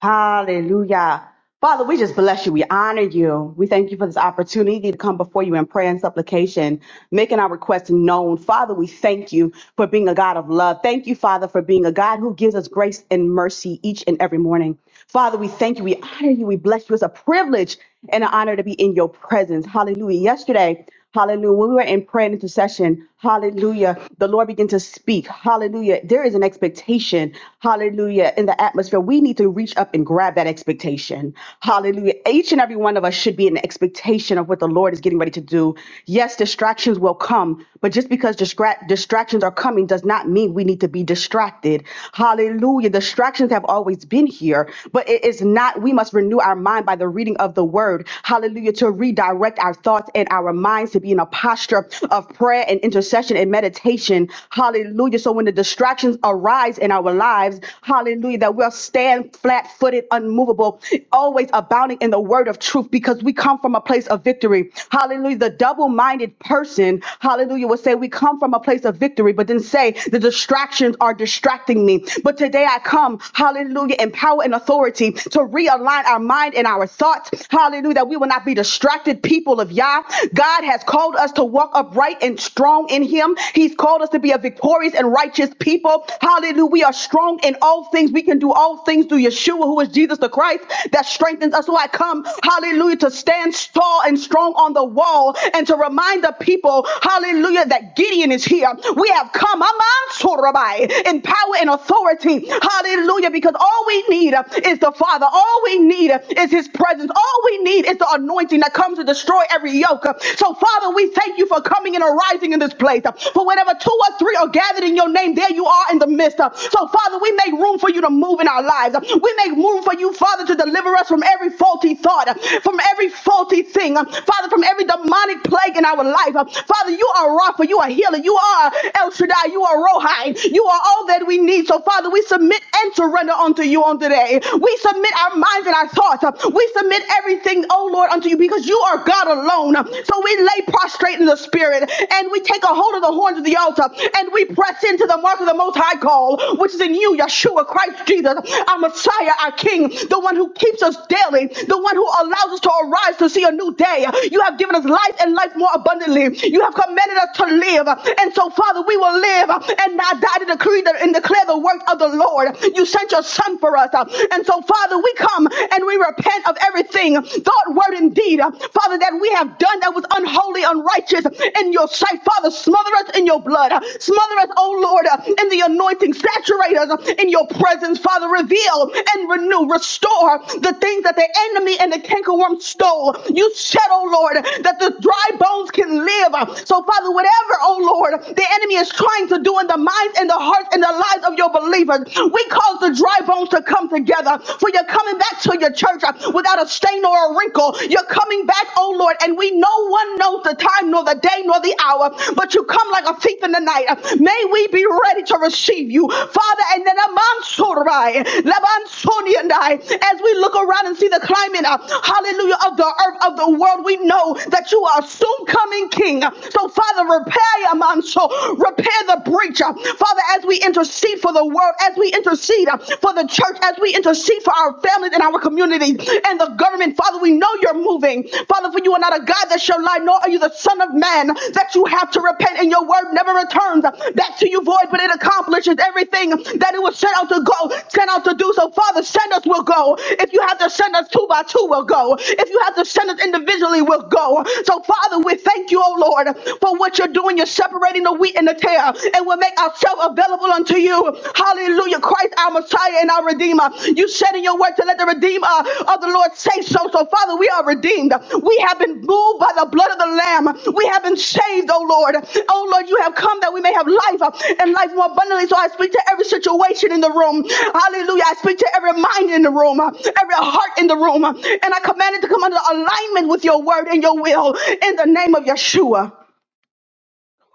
S8: Hallelujah. Father, we just bless you. We honor you. We thank you for this opportunity to come before you in prayer and supplication, making our requests known. Father, we thank you for being a God of love. Thank you, Father, for being a God who gives us grace and mercy each and every morning. Father, we thank you. We honor you. We bless you. It's a privilege and an honor to be in your presence. Hallelujah. Yesterday, Hallelujah. When we were in prayer and intercession, hallelujah, the Lord began to speak. Hallelujah. There is an expectation, hallelujah, in the atmosphere. We need to reach up and grab that expectation. Hallelujah. Each and every one of us should be in expectation of what the Lord is getting ready to do. Yes, distractions will come, but just because distra- distractions are coming does not mean we need to be distracted. Hallelujah. Distractions have always been here, but it is not, we must renew our mind by the reading of the word. Hallelujah. To redirect direct our thoughts and our minds to be in a posture of prayer and intercession and meditation. Hallelujah. So when the distractions arise in our lives, hallelujah, that we'll stand flat footed, unmovable, always abounding in the word of truth because we come from a place of victory. Hallelujah. The double minded person, hallelujah, will say, We come from a place of victory, but then say, The distractions are distracting me. But today I come, hallelujah, in power and authority to realign our mind and our thoughts. Hallelujah. Hallelujah. That we will not be distracted people of Yah. God has called us to walk upright and strong in Him. He's called us to be a victorious and righteous people. Hallelujah. We are strong in all things. We can do all things through Yeshua, who is Jesus the Christ, that strengthens us. So I come, hallelujah, to stand tall and strong on the wall and to remind the people, hallelujah, that Gideon is here. We have come, Aman Sorabai, in power and authority. Hallelujah. Because all we need is the Father. All we need need is his presence. All we need is the anointing that comes to destroy every yoke. So, Father, we thank you for coming and arising in this place. For whenever two or three are gathered in your name, there you are in the midst. So, Father, we make room for you to move in our lives. We make room for you, Father, to deliver us from every faulty thought, from every faulty thing, Father, from every demonic plague in our life. Father, you are Rapha, you are healer, you are El Shaddai, you are Rohai, you are all that we need. So, Father, we submit and surrender unto you on today. We submit our minds and our thoughts. We submit everything, oh Lord, unto you because you are God alone. So we lay prostrate in the spirit and we take a hold of the horns of the altar and we press into the mark of the most high call, which is in you, Yeshua Christ Jesus, our Messiah, our King, the one who keeps us daily, the one who allows us to arise to see a new day. You have given us life and life more abundantly. You have commanded us to live. And so, Father, we will live and not die to decree and declare the work of the Lord. You sent your son for us. Uh, And so, Father, we come and we repent of everything, thought, word, and deed, uh, Father, that we have done that was unholy, unrighteous in your sight. Father, smother us in your blood. Uh, Smother us, oh Lord, uh, in the anointing. Saturate us uh, in your presence, Father. Reveal and renew, restore the things that the enemy and the cankerworm stole. You said, oh Lord, that the dry bones can live. So, Father, whatever, oh Lord, the enemy is trying to do in the minds and the hearts and the lives lives of your believers. We cause the dry bones to come together, for you're coming back to your church uh, without a stain or a wrinkle. You're coming back, oh Lord, and we no one knows the time nor the day nor the hour, but you come like a thief in the night. Uh, May we be ready to receive you, Father. And then Amansurai, Labansoni and I, as we look around and see the climate, uh, hallelujah, of the earth, of the world, we know that you are a soon coming King. So, Father, repair Amanso, repair the breach preacher. Father, as we intercede for the world, as we intercede uh, for the church, as we intercede for our families and our communities and the government, Father, we know you're moving. Father, for you are not a God that shall lie, nor are you the Son of Man that you have to repent, and your word never returns back to you void, but it accomplishes everything that it was sent out to go, sent out to do. So, Father, send us, we'll go. If you have to send us two by two, we'll go. If you have to send us individually, we'll go. So, Father, we thank you, oh Lord, for what you're doing. You're separating separating the wheat and the tare, and will make ourselves available unto you. Hallelujah. Christ, our Messiah and our Redeemer. You said in your word to let the Redeemer of the Lord say so. So, Father, we are redeemed. We have been moved by the blood of the Lamb. We have been saved, oh Lord. Oh Lord, you have come that we may have life uh, and life more abundantly. So I speak to every situation in the room. Hallelujah. I speak to every mind in the room, uh, every heart in the room. uh, And I command it to come under alignment with your word and your will in the name of Yeshua.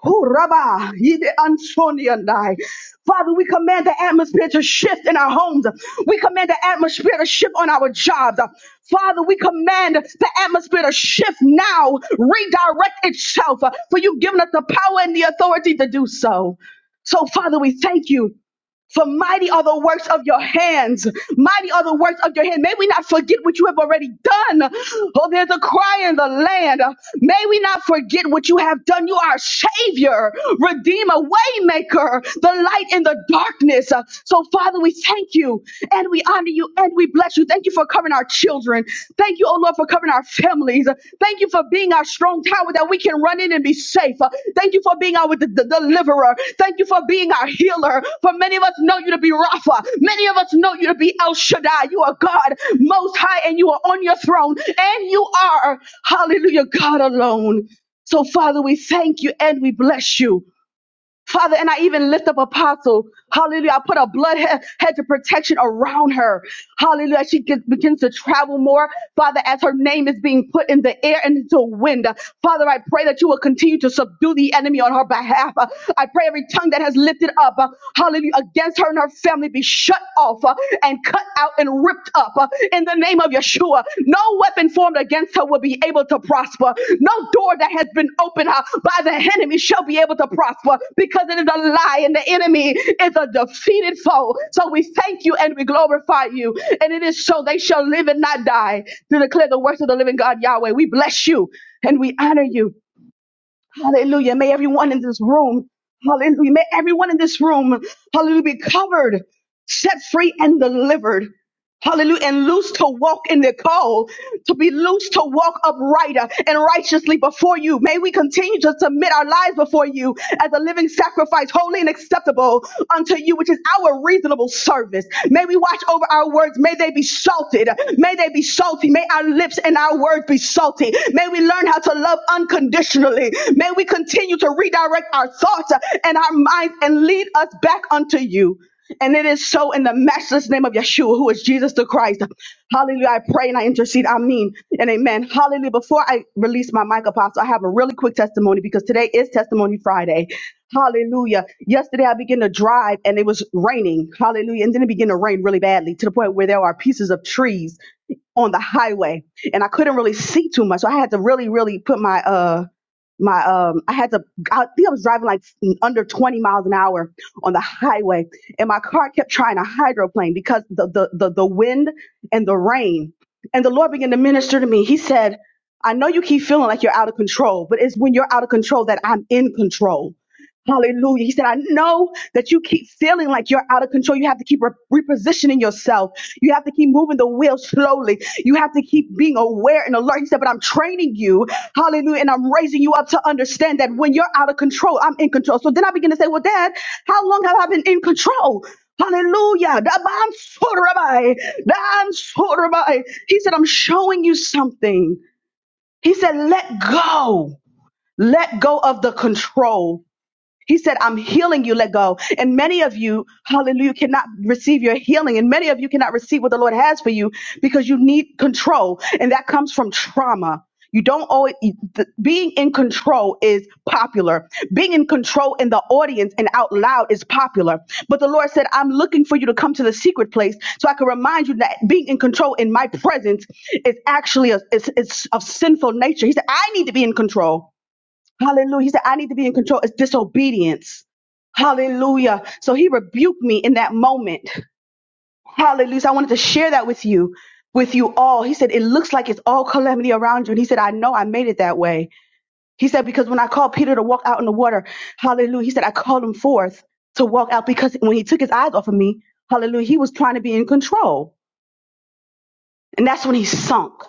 S8: Who rabba, ye the unsony and I. Father, we command the atmosphere to shift in our homes. We command the atmosphere to shift on our jobs. Father, we command the atmosphere to shift now, redirect itself, for you've given us the power and the authority to do so. So, Father, we thank you for mighty are the works of your hands. Mighty are the works of your hand. May we not forget what you have already done. Oh, there's a cry in the land. May we not forget what you have done. You are a savior, redeemer, waymaker, the light in the darkness. So, Father, we thank you and we honor you and we bless you. Thank you for covering our children. Thank you, oh Lord. Lord, for covering our families. Thank you for being our strong tower that we can run in and be safe. Thank you for being our d- d- deliverer. Thank you for being our healer. For many of us know you to be Rapha. Many of us know you to be El Shaddai. You are God most high and you are on your throne and you are, hallelujah, God alone. So, Father, we thank you and we bless you. Father, and I even lift up Apostle. Hallelujah. I put a blood he- hedge of protection around her. Hallelujah. As She get- begins to travel more. Father, as her name is being put in the air and into wind. Father, I pray that you will continue to subdue the enemy on her behalf. Uh, I pray every tongue that has lifted up, uh, hallelujah, against her and her family be shut off uh, and cut out and ripped up uh, in the name of Yeshua. No weapon formed against her will be able to prosper. No door that has been opened uh, by the enemy shall be able to prosper because it is a lie and the enemy is a defeated foe. So we thank you and we glorify you. And it is so they shall live and not die to declare the works of the living God Yahweh. We bless you and we honor you. Hallelujah. May everyone in this room, hallelujah. May everyone in this room, hallelujah, be covered, set free, and delivered. Hallelujah. And loose to walk in the call, to be loose to walk upright uh, and righteously before you. May we continue to submit our lives before you as a living sacrifice, holy and acceptable unto you, which is our reasonable service. May we watch over our words. May they be salted. May they be salty. May our lips and our words be salty. May we learn how to love unconditionally. May we continue to redirect our thoughts uh, and our minds and lead us back unto you. And it is so in the matchless name of Yeshua, who is Jesus the Christ. Hallelujah. I pray and I intercede. I mean, and amen. Hallelujah. Before I release my mic, Apostle, I have a really quick testimony because today is Testimony Friday. Hallelujah. Yesterday, I began to drive and it was raining. Hallelujah. And then it began to rain really badly to the point where there are pieces of trees on the highway and I couldn't really see too much. So I had to really, really put my, uh, my um I had to I think I was driving like under 20 miles an hour on the highway and my car kept trying to hydroplane because the the the, the wind and the rain and the Lord began to minister to me. He said, I know you keep feeling like you're out of control, but it's when you're out of control that I'm in control. Hallelujah. He said, I know that you keep feeling like you're out of control. You have to keep re- repositioning yourself. You have to keep moving the wheel slowly. You have to keep being aware and alert. He said, but I'm training you. Hallelujah. And I'm raising you up to understand that when you're out of control, I'm in control. So then I begin to say, well, dad, how long have I been in control? Hallelujah. Daban sorabai. Dan sorabai. He said, I'm showing you something. He said, let go. Let go of the control. He said, I'm healing you, let go. And many of you, hallelujah, cannot receive your healing. And many of you cannot receive what the Lord has for you because you need control. And that comes from trauma. You don't always, th- being in control is popular. Being in control in the audience and out loud is popular. But the Lord said, I'm looking for you to come to the secret place so I can remind you that being in control in my presence is actually a, is, is of sinful nature. He said, I need to be in control. Hallelujah. He said, I need to be in control. It's disobedience. Hallelujah. So he rebuked me in that moment. Hallelujah. So I wanted to share that with you, with you all. He said, It looks like it's all calamity around you. And he said, I know I made it that way. He said, Because when I called Peter to walk out in the water, hallelujah, he said, I called him forth to walk out because when he took his eyes off of me, hallelujah, he was trying to be in control. And that's when he sunk.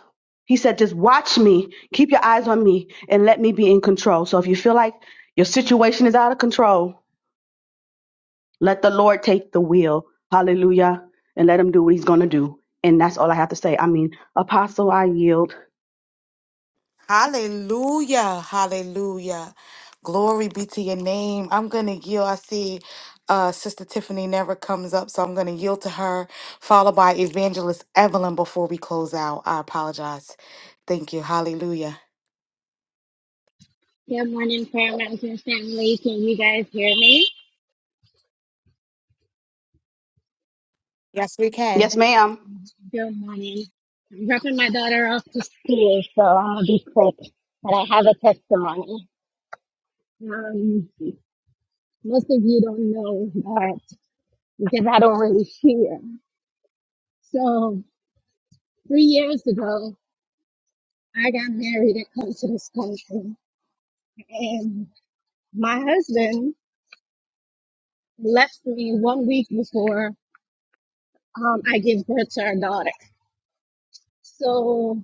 S8: He said, just watch me, keep your eyes on me, and let me be in control. So if you feel like your situation is out of control, let the Lord take the wheel. Hallelujah. And let him do what he's going to do. And that's all I have to say. I mean, Apostle, I yield.
S1: Hallelujah. Hallelujah. Glory be to your name. I'm going to yield. I see uh, Sister Tiffany never comes up, so I'm going to yield to her, followed by Evangelist Evelyn before we close out. I apologize. Thank you. Hallelujah.
S10: Good morning, Prayer Mountain family. Can you guys hear me?
S1: Yes, we can.
S8: Yes, ma'am.
S10: Good morning. I'm dropping my daughter off to school, so I'll be quick. But I have a testimony. Um, most of you don't know that because I don't really hear. So three years ago, I got married and come to this country, and my husband left me one week before um, I gave birth to our daughter. So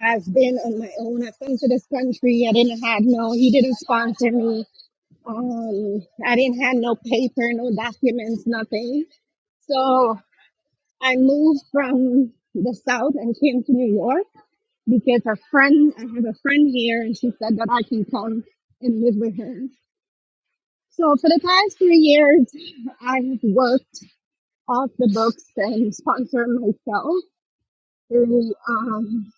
S10: I've been on my own. I've come to this country. I didn't have no, he didn't sponsor me. Um, I didn't have no paper, no documents, nothing. So I moved from the South and came to New York because a friend, I have a friend here and she said that I can come and live with her. So for the past three years, I've worked off the books and sponsored myself through, um,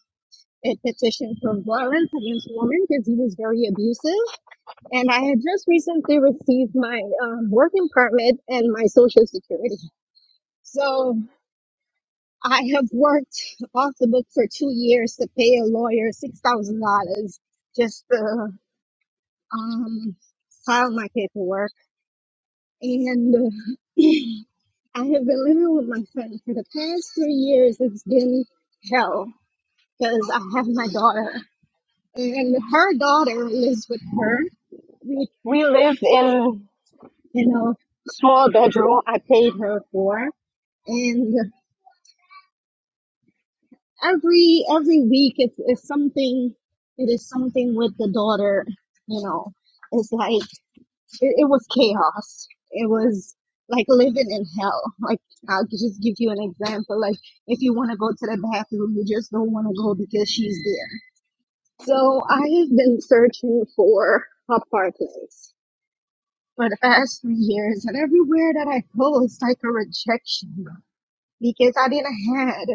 S10: a petition for violence against women because he was very abusive and I had just recently received my um, working permit and my social security. So I have worked off the book for two years to pay a lawyer six thousand dollars just to um, file my paperwork, and uh, *clears throat* I have been living with my friend for the past three years. It's been hell because I have my daughter, and her daughter lives with her. We we live in you know, small bedroom I paid her for. And every every week it's, it's something it is something with the daughter, you know. It's like it, it was chaos. It was like living in hell. Like I'll just give you an example. Like if you want to go to the bathroom, you just don't want to go because she's there. So I have been searching for a park place for the past three years, and everywhere that I go, it's like a rejection because I didn't had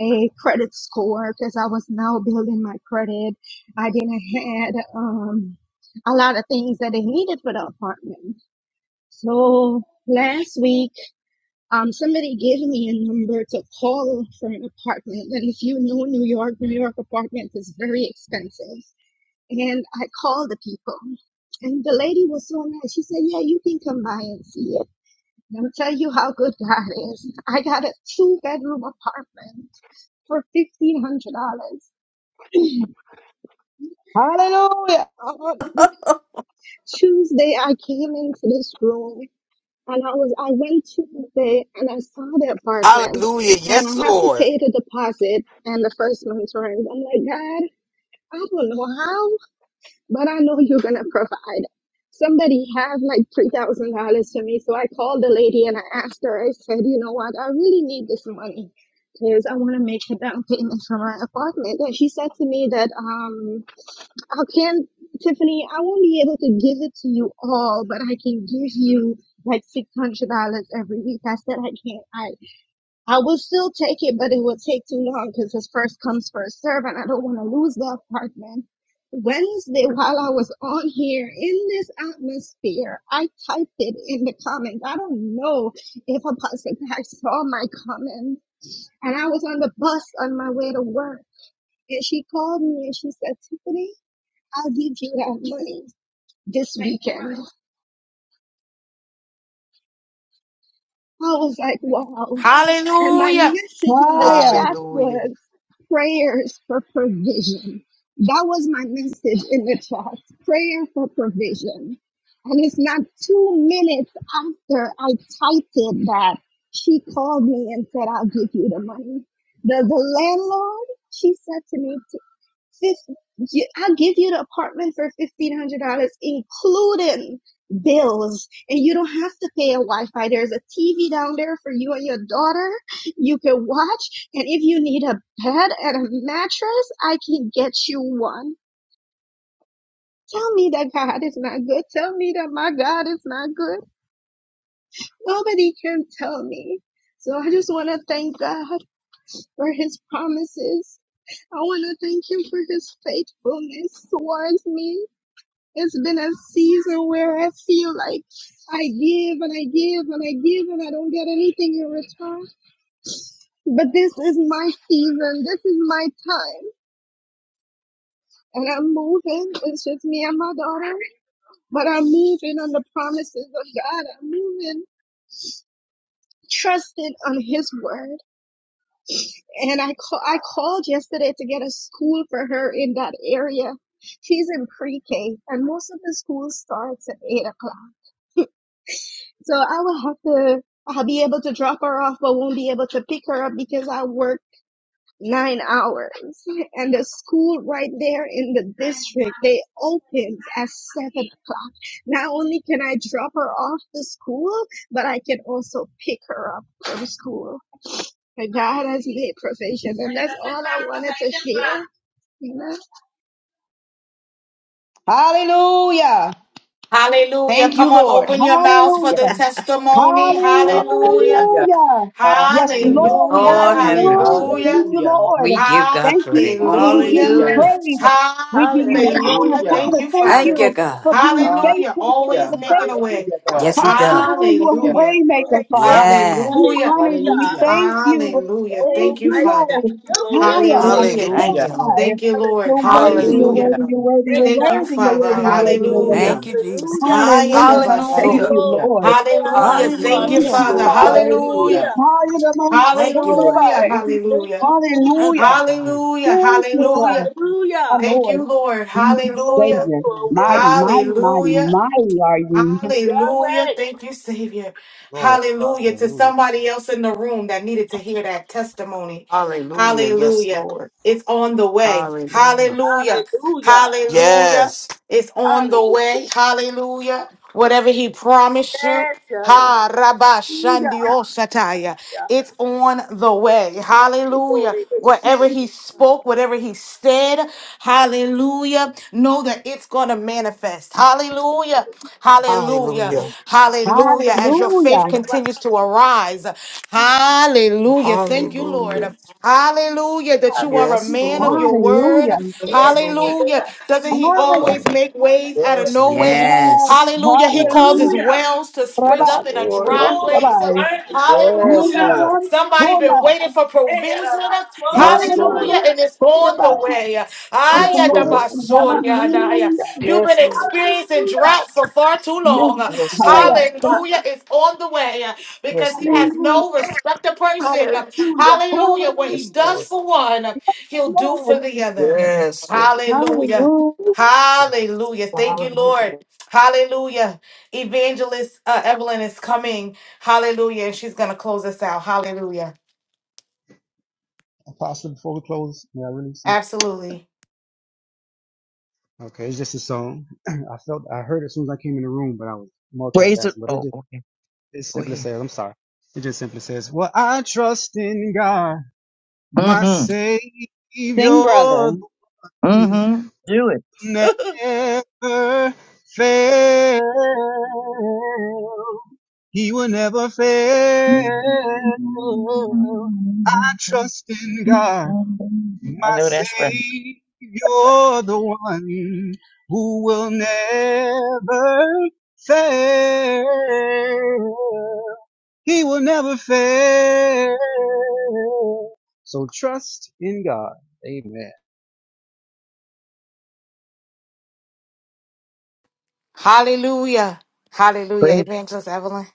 S10: a credit score because I was now building my credit. I didn't had um a lot of things that I needed for the apartment. So last week, um, somebody gave me a number to call for an apartment. And if you know New York, New York apartment is very expensive. And I called the people. And the lady was so nice. She said, Yeah, you can come by and see it. I'll tell you how good God is. I got a two bedroom apartment for fifteen hundred dollars. *clears throat*
S8: Hallelujah.
S10: Um, Tuesday I came into this room and I was I went Tuesday and I saw the apartment and I have to pay the deposit and the first month's rent. I'm like, God, I don't know how, but I know you're gonna provide. Somebody had like three thousand dollars to me, so I called the lady and I asked her. I said, you know what, I really need this money because I want to make a down payment for my apartment. And she said to me that um I can, not Tiffany, I won't be able to give it to you all, but I can give you like six hundred dollars every week. I said I can't. I I will still take it, but it will take too long because it's first comes first serve, and I don't want to lose that part, man. Wednesday, while I was on here in this atmosphere, I typed it in the comments. I don't know if Apostle Pack saw my comments, and I was on the bus on my way to work, and she called me and she said, Tiffany. I'll give you that money this weekend. I was like, wow. And my
S1: Hallelujah.
S10: message in the
S8: Hallelujah.
S10: chat
S4: Hallelujah.
S10: was prayers for provision. That was my message in the chat prayer for provision. And it's not two minutes after I typed it that she called me and said, I'll give you the money. The, the landlord, she said to me, Fif- you- I'll give you the apartment for $1,500, including bills, and you don't have to pay a Wi-Fi. There's a TV down there for you and your daughter. You can watch, and if you need a bed and a mattress, I can get you one. Tell me that God is not good. Tell me that my God is not good. Nobody can tell me. So I just want to thank God for his promises. I want to thank him for his faithfulness towards me. It's been a season where I feel like I give and I give and I give and I don't get anything in return. But this is my season. This is my time. And I'm moving. It's just me and my daughter. But I'm moving on the promises of God. I'm moving trusting on his word. And I call, I called yesterday to get a school for her in that area. She's in pre-K and most of the schools starts at eight o'clock. So I will have to, I'll be able to drop her off, but won't be able to pick her up because I work nine hours. And the school right there in the district, they opens at seven o'clock. Not only can I drop her off to school, but I can also pick her up from school. And God has made provision, and that's all I wanted to share. You know?
S8: Hallelujah.
S1: Hallelujah.
S8: Thank you,
S1: Come on,
S8: Lord.
S1: open your mouths for
S8: Hallelujah.
S1: the testimony. Hallelujah.
S7: Hallelujah.
S8: Hallelujah. Yes,
S7: Hallelujah.
S5: Hallelujah.
S8: Lord.
S1: Hallelujah.
S9: Lord have
S6: Thank
S8: Hallelujah.
S9: mercy.
S8: Thank
S1: Hallelujah.
S8: you,
S7: Hallelujah.
S8: Lord.
S9: We give God
S8: Thank you,
S9: praise.
S8: Father. We give
S1: Hallelujah.
S8: you
S7: Hallelujah.
S9: Hallelujah.
S8: praise. We give you
S11: Hallelujah.
S8: honor.
S1: Hallelujah.
S7: Hallelujah.
S1: Thank
S8: Father,
S1: you,
S8: thank
S9: Thank
S1: Father.
S9: you,
S8: you
S9: God.
S8: for being
S7: Hallelujah.
S1: Hallelujah.
S8: faithful.
S1: Always
S8: Father,
S1: making
S8: thank
S1: a
S7: Thank
S8: you.
S1: way.
S7: you,
S11: Well,
S7: God.
S9: Yes, He
S8: Hallelujah.
S9: does.
S8: You
S7: Thank
S8: are a
S7: you.
S1: Hallelujah.
S8: way
S11: okay,
S8: maker,
S11: thank
S8: Father.
S11: you.
S9: Yes.
S8: We
S1: Hallelujah.
S8: honor you. We
S11: Hallelujah.
S7: Hallelujah.
S8: thank you.
S1: Hallelujah.
S11: Oh,
S8: Thank
S1: Thank you,
S8: you,
S11: mighty
S1: Father.
S11: God.
S8: Lord.
S11: You are
S8: I am
S11: wonderful.
S8: on
S1: Hallelujah.
S9: Thank
S7: Hallelujah.
S9: you,
S4: Hallelujah.
S9: Lord.
S8: fire.
S1: Thank you, Lord.
S11: Hallelujah.
S8: You're worthy, you're
S1: Hallelujah.
S7: Hallelujah.
S8: worthy, you're
S4: Hallelujah.
S8: worthy, you're
S11: Great
S1: Thank you,
S11: God.
S8: worthy, you're
S1: Father.
S8: worthy, you're worthy, you're worthy.
S7: Hallelujah.
S1: Hallelujah.
S9: Thank
S4: Hallelujah.
S9: you,
S11: Hallelujah.
S9: Jesus.
S8: Hallelujah. *laughs* Thank
S1: Hayadabaso.
S4: Hallelujah.
S8: you,
S7: Hallelujah.
S11: Oh,
S8: Lord.
S11: wonderful Abba.
S1: Hallelujah.
S11: You
S1: Thank
S4: Hallelujah.
S1: you,
S8: Thank
S4: Yes,
S9: Hallelujah.
S8: you,
S1: Father.
S4: Lord.
S11: are
S8: Father.
S11: amazing.
S7: Hallelujah.
S1: Hallelujah.
S11: Hallelujah.
S8: Hallelujah. most
S9: Thank you,
S11: Oh,
S9: Lord.
S1: Hallelujah.
S11: thank
S8: holy.
S11: you. Thank
S1: Hallelujah.
S11: you.
S9: Thank
S8: Hallelujah.
S9: you, God.
S6: you,
S1: Hallelujah.
S8: Thank you,
S11: Oh,
S8: Father.
S1: Hallelujah.
S8: Our
S11: hallelujah.
S1: Thank
S8: Lord.
S1: you, Lord.
S8: Thank you,
S11: Oh,
S1: Hallelujah.
S8: Savior.
S11: you are worthy.
S8: Mighty, mighty, mighty,
S1: Hallelujah.
S8: mighty are you.
S1: Hallelujah.
S11: Yahweh.
S1: Thank you, Savior.
S6: Lord.
S1: Hallelujah. To
S6: Hallelujah.
S1: somebody else in the room that needed to hear that testimony.
S4: Hallelujah. Yes,
S1: Hallelujah.
S4: Lord.
S1: It's on the way.
S4: Hallelujah.
S1: Hallelujah.
S11: Hallelujah.
S1: Hallelujah.
S4: Yes.
S1: It's on
S11: Hallelujah.
S1: the way. Hallelujah. Whatever he promised you.
S11: Yes, Yahweh.
S1: Ha rabba
S11: Hallelujah.
S1: shandio sataya.
S11: Hallelujah.
S1: It's on the way.
S11: Oh,
S1: Hallelujah. Whatever he spoke, whatever he said, hallelujah. Know that it's gonna manifest. Hallelujah. Hallelujah.
S4: Hallelujah.
S6: Yes.
S1: Hallelujah. As your
S11: they,
S8: Hallelujah.
S1: faith
S11: they,
S1: continues to arise rise. Hallelujah. Thank you, Lord.
S4: Hallelujah.
S1: Hallelujah, that you are a
S4: Yes,
S11: Hallelujah.
S1: man of
S4: Lord.
S1: your word.
S8: Hallelujah.
S4: Yes, Lord.
S1: Hallelujah. Doesn't he
S8: Hallelujah.
S6: Hallelujah.
S1: always make ways out of
S4: Yes,
S1: no
S4: Lord.
S1: ways?
S8: Yes.
S9: Yes.
S1: Hallelujah. He
S6: Lord.
S1: causes
S8: Hallelujah.
S1: wells to spring
S8: Rabbi.
S4: Yes,
S1: up in a
S4: Lord.
S1: dry
S8: Oh,
S11: Oh, you are
S1: place.
S8: Rabbi.
S11: worthy.
S4: Yes,
S8: Hallelujah.
S1: Hallelujah.
S11: Hallelujah.
S4: Lord.
S1: Somebody been
S8: Hallelujah.
S1: waiting for
S11: Hey,
S1: provision.
S4: Yes,
S11: Rabatoya, my
S4: Lord.
S1: Hallelujah.
S11: God.
S1: And it's on the
S8: Hallelujah.
S1: way.
S8: Yes,
S11: Glory,
S4: Yes,
S6: Yes.
S8: Lord.
S4: Lord.
S11: Rabatoya.
S1: Ayadabasoyadaya.
S8: Hallelujah.
S1: You've been
S4: Yes, Lord.
S1: experiencing
S11: Hallelujah.
S1: drought for far too
S8: Yes,
S1: long.
S4: Yes,
S11: Oh,
S4: Lord.
S8: higher.
S1: Hallelujah. It's on the way because
S4: Yes,
S1: he has
S4: Lord.
S8: Hallelujah.
S1: no respect to person.
S11: Hallelujah.
S1: Hallelujah. What he
S8: Hallelujah,
S4: Yes,
S1: does
S4: Lord.
S1: for one, he'll do
S8: Lord.
S1: for the other.
S4: Yes, Lord.
S1: Hallelujah.
S8: Hallelujah.
S6: yes.
S1: Hallelujah. Thank you,
S4: Hallelujah.
S1: Lord. Hallelujah. Evangelist uh, Evelyn is coming. Hallelujah. And she's going to close us out. Hallelujah.
S6: Apostle, before we close, may I release something?
S1: Absolutely.
S6: Okay, it's just a song. *clears throat* I felt I heard it as soon as I came in the room, but I was
S12: Praise it.
S6: multitasking. But it
S12: Oh,
S6: just
S12: okay.
S6: it
S12: Go
S6: simply
S12: ahead.
S6: says, I'm sorry. It just simply says, Well, I trust in God, my
S12: Mm-hmm.
S6: Savior,
S8: Sing, brother.
S6: the one who
S12: Mm-hmm. Do it.
S6: never fail. He will never fail. Trust in God,
S12: *laughs* I
S6: my
S12: know that's right.
S6: Savior, the one who will never fail. He will never fail. So trust in God. Amen.
S1: Hallelujah. Hallelujah. Evangelist Evelyn.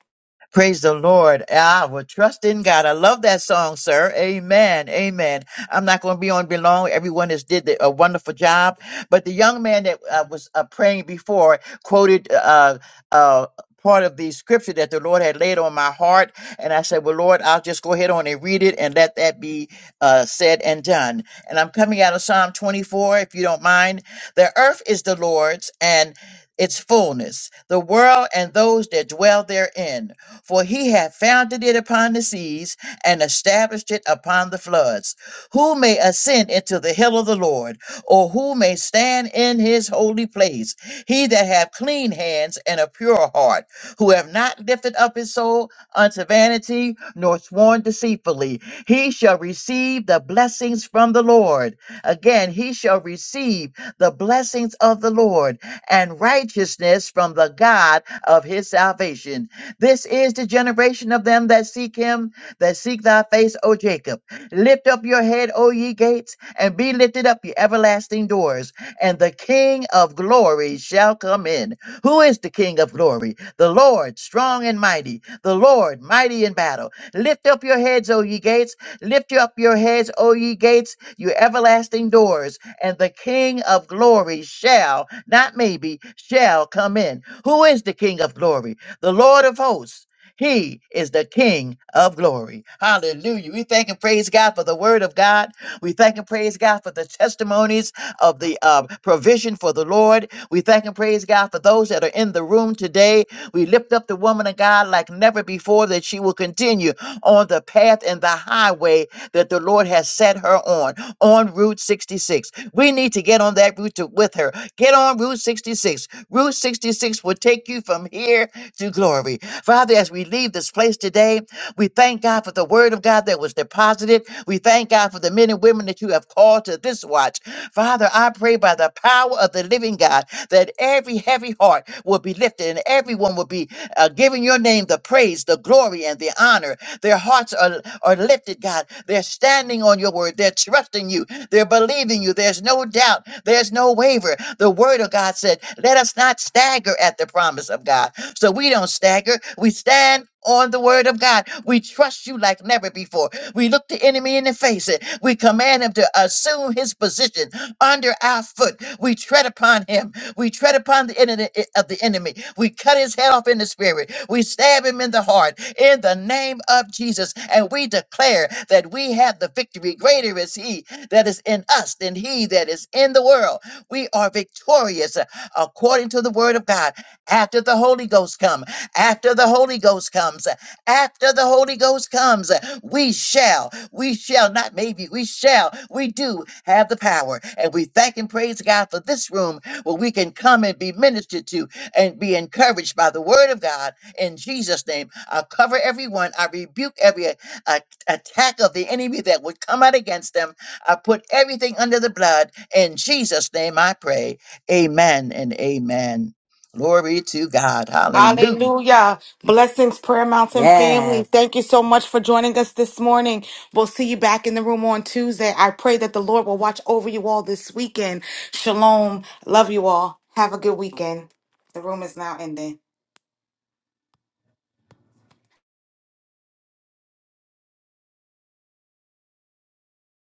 S12: Praise the Lord. I will trust in God. I love that song, sir. Amen. Amen. I'm not going to be on be long. Everyone has did the- a wonderful job. But the young man that uh, was uh, praying before quoted uh, uh, part of the scripture that the Lord had laid on my heart. And I said, well, Lord, I'll just go ahead on and read it and let that be uh, said and done. And I'm coming out of Psalm 24, if you don't mind. The earth is the Lord's and its fullness, the world and those that dwell therein for he hath founded it upon the seas and established it upon the floods. Who may ascend into the hill of the Lord, or who may stand in his holy place? He that hath clean hands and a pure heart, who have not lifted up his soul unto vanity, nor sworn deceitfully, he shall receive the blessings from the Lord. Again, he shall receive the blessings of the Lord and righteousness from the God of his salvation. This is the generation of them that seek him, that seek thy face, O Jacob. Lift up your head, O ye gates, and be lifted up, ye everlasting doors, and the King of glory shall come in. Who is the King of glory? The Lord, strong and mighty, the Lord, mighty in battle. Lift up your heads, O ye gates. Lift up your heads, O ye gates, you everlasting doors, and the King of glory shall, not maybe, shall come in. Who is the King of glory? The Lord of hosts, he is the King of glory. Hallelujah. We thank and praise God for the word of God. We thank and praise God for the testimonies of the uh, provision for the Lord. We thank and praise God for those that are in the room today. We lift up the woman of God like never before that she will continue on the path and the highway that the Lord has set her on, on Route 66. We need to get on that route to, with her. Get on Route 66. Route 66 will take you from here to glory. Father, as we leave this place today, we thank God for the word of God that was deposited. We thank God for the men and women that you have called to this watch. Father, I pray by the power of the living God that every heavy heart will be lifted and everyone will be uh, giving your name the praise, the glory, and the honor. Their hearts are, are lifted, God. They're standing on your word. They're trusting you. They're believing you. There's no doubt. There's no waver. The word of God said, Let us not stagger at the promise of God. So we don't stagger. We stand on the word of God. We trust you like never before. We look the enemy in the face. and We command him to assume his position under our foot. We tread upon him. We tread upon the enemy of the enemy. We cut his head off in the spirit. We stab him in the heart in the name of Jesus. And we declare that we have the victory. Greater is he that is in us than he that is in the world. We are victorious uh, according to the word of God after the Holy Ghost come, after the Holy Ghost comes, after the Holy Ghost comes, we shall, we shall, not maybe, we shall, we do have the power. And we thank and praise God for this room where we can come and be ministered to and be encouraged by the word of God in Jesus' name. I cover everyone. I rebuke every a- attack of the enemy that would come out against them. I put everything under the blood. In Jesus' name I pray. Amen and amen. Glory to God. Hallelujah.
S1: Hallelujah. Blessings, Prayer Mountain family.
S9: Yes.
S1: Thank you so much for joining us this morning. We'll see you back in the room on Tuesday. I pray that the Lord will watch over you all this weekend. Shalom. Love you all. Have a good weekend. The room is now ending.